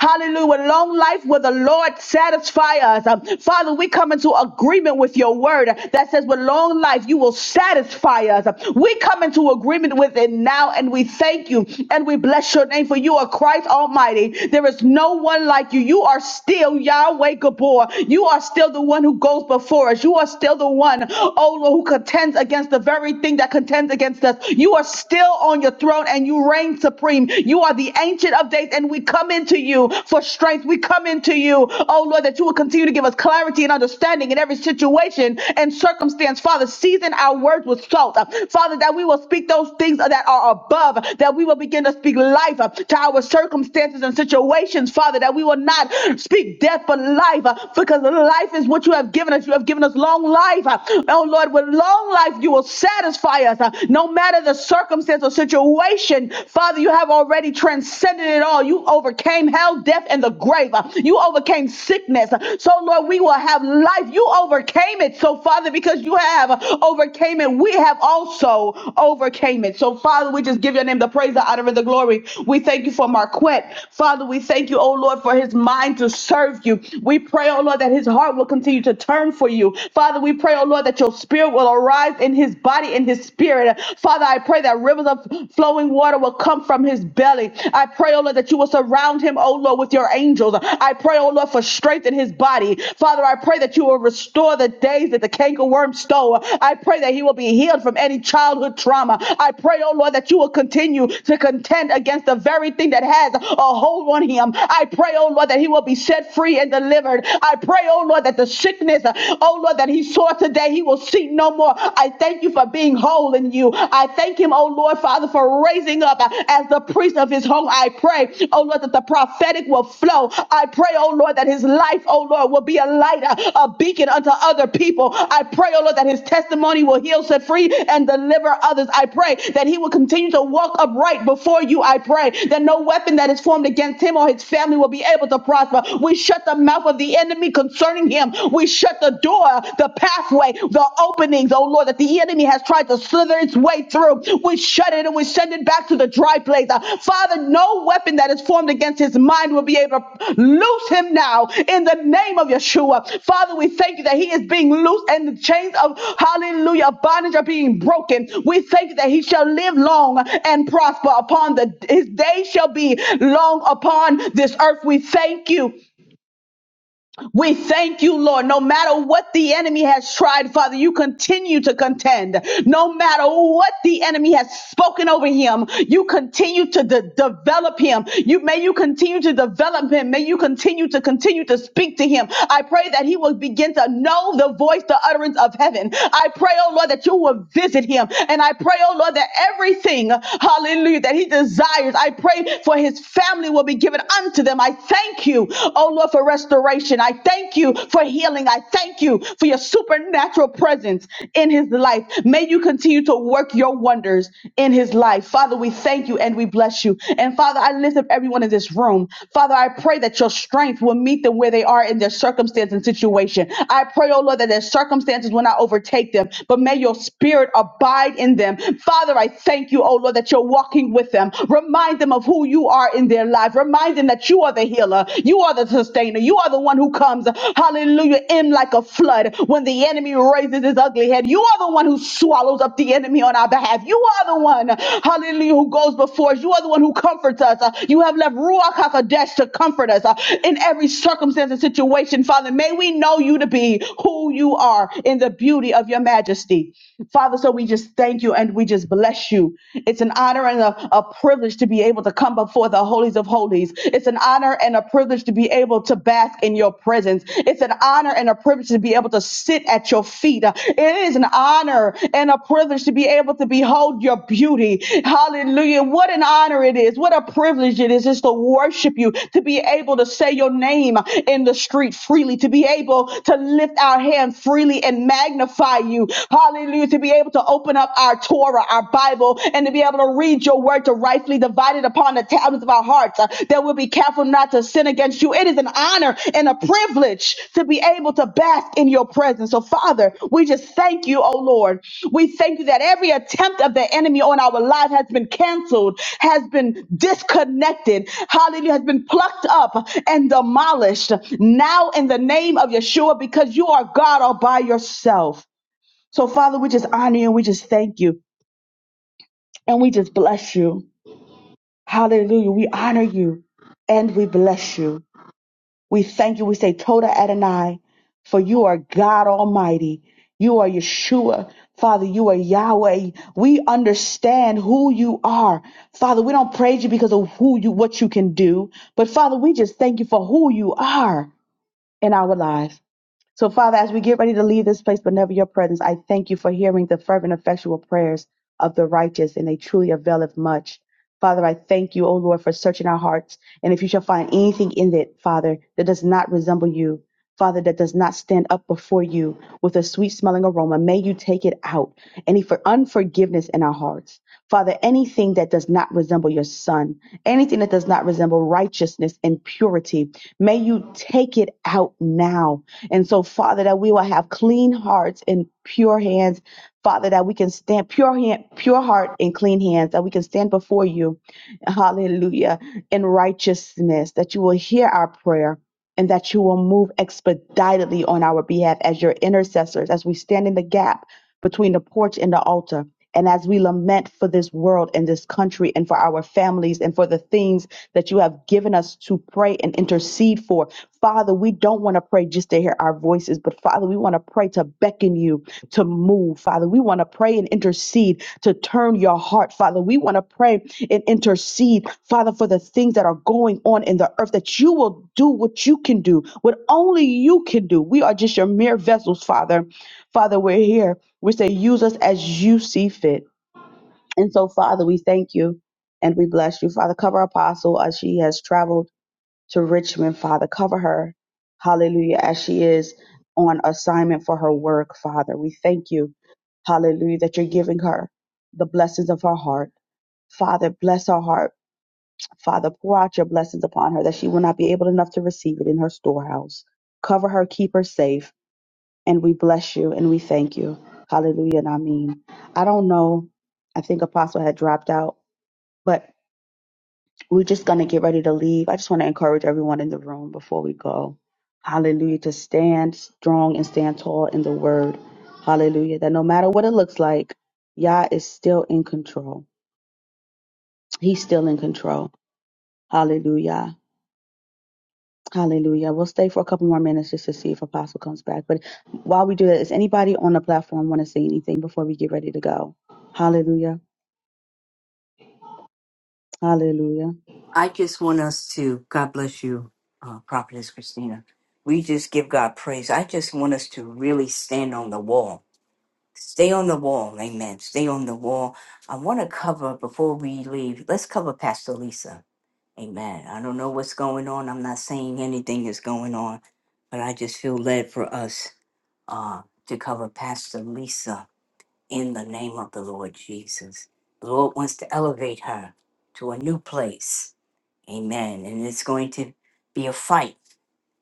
Speaker 7: Hallelujah! Long life will the Lord satisfy us, Father. We come into agreement with Your Word that says, "With long life, You will satisfy us." We come into agreement with it now, and we thank You and we bless Your name for You are Christ Almighty. There is no one like You. You are still Yahweh Gabor. You are still the one who goes before us that you are still the one, oh Lord, who contends against the very thing that contends against us. You are still on your throne and you reign supreme. You are the ancient of days, and we come into you for strength. We come into you, oh Lord, that you will continue to give us clarity and understanding in every situation and circumstance. Father, season our words with salt. Father, that we will speak those things that are above, that we will begin to speak life to our circumstances and situations, Father, that we will not speak death but life because life is what you have given given us. You have given us long life. Uh, Oh Lord, with long life, you will satisfy us. Uh, No matter the circumstance or situation, Father, you have already transcended it all. You overcame hell, death, and the grave. Uh, You overcame sickness. Uh, So Lord, we will have life. You overcame it. So Father, because you have uh, overcame it, we have also overcame it. So Father, we just give your name the praise, the honor, and the glory. We thank you for Marquette. Father, we thank you, oh Lord, for his mind to serve you. We pray, oh Lord, that his heart God will continue to turn for you. Father, we pray, oh Lord, that your spirit will arise in his body and his spirit. Father, I pray that rivers of flowing water will come from his belly. I pray, oh Lord, that you will surround him, oh Lord, with your angels. I pray, oh Lord, for strength in his body. Father, I pray that you will restore the days that the cankerworm stole. I pray that he will be healed from any childhood trauma. I pray, oh Lord, that you will continue to contend against the very thing that has a hold on him. I pray, oh Lord, that he will be set free and delivered. I I pray, oh Lord, that the sickness, uh, oh Lord, that he saw today, he will see no more. I thank you for being whole in you. I thank him, oh Lord, Father, for raising up uh, as the priest of his home. I pray, oh Lord, that the prophetic will flow. I pray, oh Lord, that his life, oh Lord, will be a light, a, a beacon unto other people. I pray, oh Lord, that his testimony will heal, set free, and deliver others. I pray that he will continue to walk upright before you. I pray that no weapon that is formed against him or his family will be able to prosper. We shut the mouth of the enemy concerning him. We shut the door, the pathway, the openings, oh Lord, that the enemy has tried to slither its way through. We shut it and we send it back to the dry place. Uh, Father, no weapon that is formed against his mind will be able to loose him now in the name of Yeshua. Father, we thank you that he is being loosed and the chains of hallelujah bondage are being broken. We thank you that he shall live long and prosper upon the his days shall be long upon this earth. We thank you. We thank you, Lord. No matter what the enemy has tried, Father, you continue to contend. No matter what the enemy has spoken over him, you continue to de- develop him. You may you continue to develop him. May you continue to continue to speak to him. I pray that he will begin to know the voice, the utterance of heaven. I pray, oh Lord, that you will visit him. And I pray, oh Lord, that everything, hallelujah, that he desires, I pray for his family will be given unto them. I thank you, oh Lord, for restoration. I thank you for healing. I thank you for your supernatural presence in his life. May you continue to work your wonders in his life. Father, we thank you and we bless you. And Father, I lift up everyone in this room. Father, I pray that your strength will meet them where they are in their circumstance and situation. I pray, oh Lord, that their circumstances will not overtake them, but may your spirit abide in them. Father, I thank you, oh Lord, that you're walking with them. Remind them of who you you are in their life, remind them that you are the healer, you are the sustainer, you are the one who comes, hallelujah, in like a flood when the enemy raises his ugly head. You are the one who swallows up the enemy on our behalf. You are the one, hallelujah, who goes before us. You are the one who comforts us. Uh, You have left Ruach HaKodesh to comfort us uh, in every circumstance and situation. Father, may we know you to be who you are in the beauty of your majesty. Father, so we just thank you and we just bless you. It's an honor honor and a, a privilege to be able to come before the holies of holies. It's an honor and a privilege to be able to bask in your presence. It's an honor and a privilege to be able to sit at your feet. It is an honor and a privilege to be able to behold your beauty. Hallelujah. What an honor it is. What a privilege it is just to worship you, to be able to say your name in the street freely, to be able to lift our hand freely and magnify you. Hallelujah. To be able to open up open up our Torah, our Bible, and to be able to read your word to rightfully divide it upon the tablets of our hearts, uh, that we'll be careful not to sin against you. It is an honor and a privilege to be able to bask in your presence. So, Father, we just thank you, oh Lord. We thank you that every attempt of the enemy on our life has been canceled, has been disconnected, hallelujah, has been plucked up and demolished now in the name of Yeshua because you are God all by yourself. So, Father, we just honor you. We just thank you. And we just bless you. Hallelujah. We honor you and we bless you. We thank you. We say, Toda Adonai, for you are God Almighty. You are Yeshua. Father, you are Yahweh. We understand who you are. Father, we don't praise you because of who you, what you can do. But Father, we just thank you for who you are in our lives. So, Father, as we get ready to leave this place, but never your presence, I thank you for hearing the fervent, effectual prayers of the righteous, and they truly availeth much. Father, I thank you, O Lord, for searching our hearts. And if you shall find anything in it, Father, that does not resemble you, Father, that does not stand up before you with a sweet smelling aroma, may you take it out. Any for unforgiveness in our hearts. Father, anything that does not resemble your son, anything that does not resemble righteousness and purity, may you take it out now and so, Father, that we will have clean hearts and pure hands. Father, that we can stand pure hand, pure heart and clean hands, that we can stand before you, hallelujah, in righteousness, that you will hear our prayer and that you will move expeditiously on our behalf as your intercessors, as we stand in the gap between the porch and the altar. And as we lament for this world and this country and for our families and for the things that you have given us to pray and intercede for, Father, we don't want to pray just to hear our voices, but Father, we want to pray to beckon you to move. Father, we want to pray and intercede to turn your heart. Father, we want to pray and intercede, Father, for the things that are going on in the earth, that you will do what you can do, what only you can do. We are just your mere vessels, Father. Father, we're here. We say, use us as you see fit. And so, Father, we thank you and we bless you. Father, cover Apostle as she has traveled to Richmond, Father. Cover her, hallelujah, as she is on assignment for her work, Father. We thank you, hallelujah, that you're giving her the blessings of her heart. Father, bless her heart. Father, pour out your blessings upon her that she will not be able enough to receive it in her storehouse. Cover her, keep her safe, and we bless you and we thank you. Hallelujah and I mean. I don't know. I think Apostle had dropped out, but we're just going to get ready to leave. I just want to encourage everyone in the room before we go. Hallelujah. To stand strong and stand tall in the word. Hallelujah. That no matter what it looks like, Yah is still in control. He's still in control. Hallelujah. Hallelujah. We'll stay for a couple more minutes just to see if Apostle comes back. But while we do that, does anybody on the platform want to say anything before we get ready to go? Hallelujah. Hallelujah.
Speaker 5: I just want us to, God bless you, uh, Prophetess Christina. We just give God praise. I just want us to really stand on the wall. Stay on the wall. Amen. Stay on the wall. I want to cover, before we leave, let's cover Pastor Lisa. Amen. I don't know what's going on. I'm not saying anything is going on, but I just feel led for us uh, to cover Pastor Lisa. in the name of the Lord Jesus. The Lord wants to elevate her to a new place. Amen. And it's going to be a fight.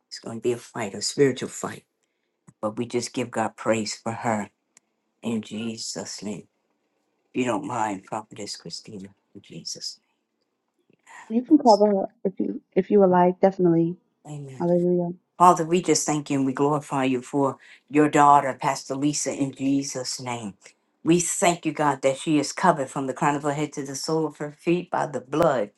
Speaker 5: It's going to be a fight, a spiritual fight. But we just give God praise for her in Jesus' name. If you don't mind, Prophetess Christina, in Jesus'
Speaker 7: You
Speaker 5: name.
Speaker 7: can cover her if you if you would like, definitely.
Speaker 5: Amen.
Speaker 7: Hallelujah.
Speaker 5: Father, we just thank you and we glorify you for your daughter, Pastor Lisa, in Jesus' name. We thank you, God, that she is covered from the crown of her head to the sole of her feet by the blood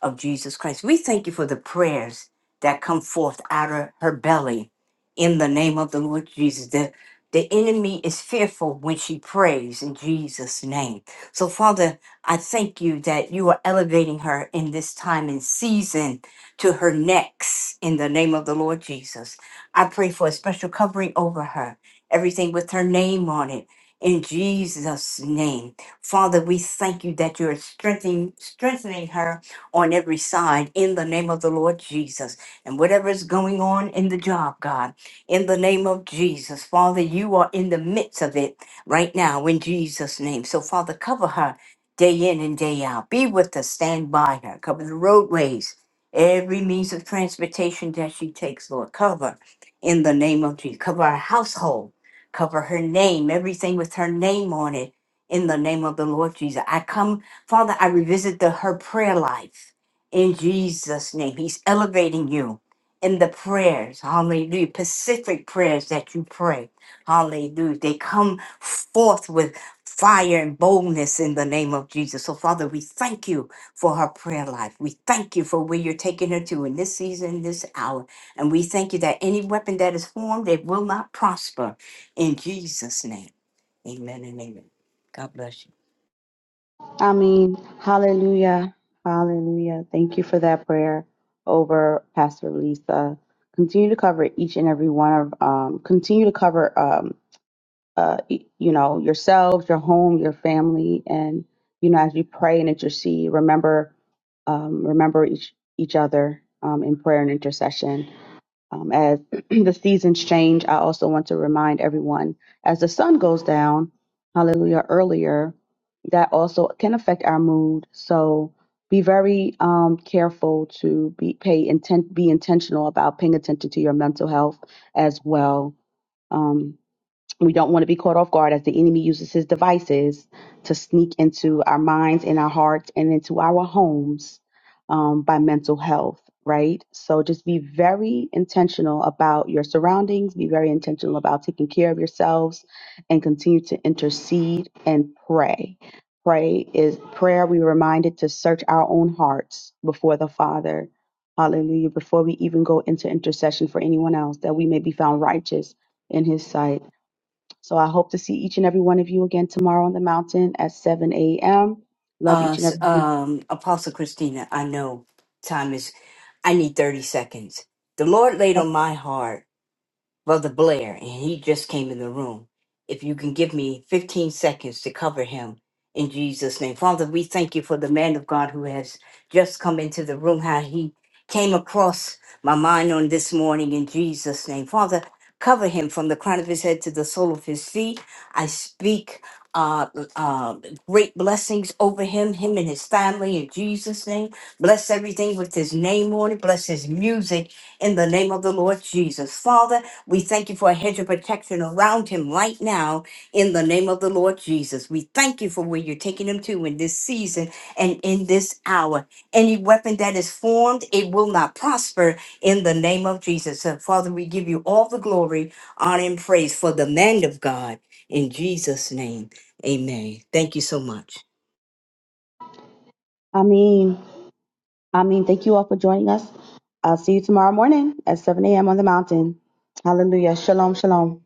Speaker 5: of Jesus Christ. We thank you for the prayers that come forth out of her belly in the name of the Lord Jesus. The, the enemy is fearful when she prays in Jesus' name. So, Father, I thank you that you are elevating her in this time and season to her necks in the name of the Lord Jesus. I pray for a special covering over her, everything with her name on it. In Jesus' name. Father, we thank you that you're strengthening, strengthening her on every side in the name of the Lord Jesus. And whatever is going on in the job, God, in the name of Jesus, Father, you are in the midst of it right now in Jesus' name. So, Father, cover her day in and day out. Be with her, stand by her, cover the roadways Every means of transportation that she takes, Lord, cover in the name of Jesus. Cover her household. Cover her name, everything with her name on it in the name of the Lord Jesus. I come, Father, I revisit the, her prayer life in Jesus' name. He's elevating you in the prayers, hallelujah, Pacific prayers that you pray, hallelujah. They come forth with fire and boldness in the name of Jesus. So, Father, we thank you for her prayer life. We thank you for where you're taking her to in this season, this hour. And we thank you that any weapon that is formed, it will not prosper. In Jesus' name, amen and amen. God bless you.
Speaker 7: I mean, hallelujah, hallelujah. Thank you for that prayer over Pastor Lisa. Continue to cover each and every one of, um, continue to cover, um, uh, e- you know, yourselves, your home, your family, and you know, as you pray and intercede, remember, um, remember each each other um, in prayer and intercession. Um, as the seasons change, I also want to remind everyone as the sun goes down, hallelujah, earlier, that also can affect our mood. So be very um, careful to be pay intent, be intentional about paying attention to your mental health as well. Um, we don't want to be caught off guard as the enemy uses his devices to sneak into our minds and our hearts and into our homes um, by mental health, right? So just be very intentional about your surroundings, be very intentional about taking care of yourselves, and continue to intercede and pray. Pray is prayer. We were reminded to search our own hearts before the Father. Hallelujah. Before we even go into intercession for anyone else, that we may be found righteous in his sight. So I hope to see each and every one of you again tomorrow on the mountain at 7 a.m. Love
Speaker 5: Uh,
Speaker 7: each and
Speaker 5: s-
Speaker 7: every one. of you.
Speaker 5: um, Apostle Christina, I know time is, I need 30 seconds. The Lord laid on my heart Brother Blair, and he just came in the room. If you can give me 15 seconds to cover him in Jesus' name. Father, we thank you for the man of God who has just come into the room, how he came across my mind on this morning in Jesus' name. Father, cover him from the crown of his head to the sole of his feet. I speak uh, uh, great blessings over him, him and his family in Jesus' name. Bless everything with his name on it. Bless his music in the name of the Lord Jesus. Father, we thank you for a hedge of protection around him right now in the name of the Lord Jesus. We thank you for where you're taking him to in this season and in this hour. Any weapon that is formed, it will not prosper in the name of Jesus. So, Father, we give you all the glory, honor, and praise for the man of God in Jesus' name. Amen. Thank you so much.
Speaker 7: I mean, I mean, thank you all for joining us. I'll see you tomorrow morning at 7 a.m. on the mountain. Hallelujah. Shalom, shalom.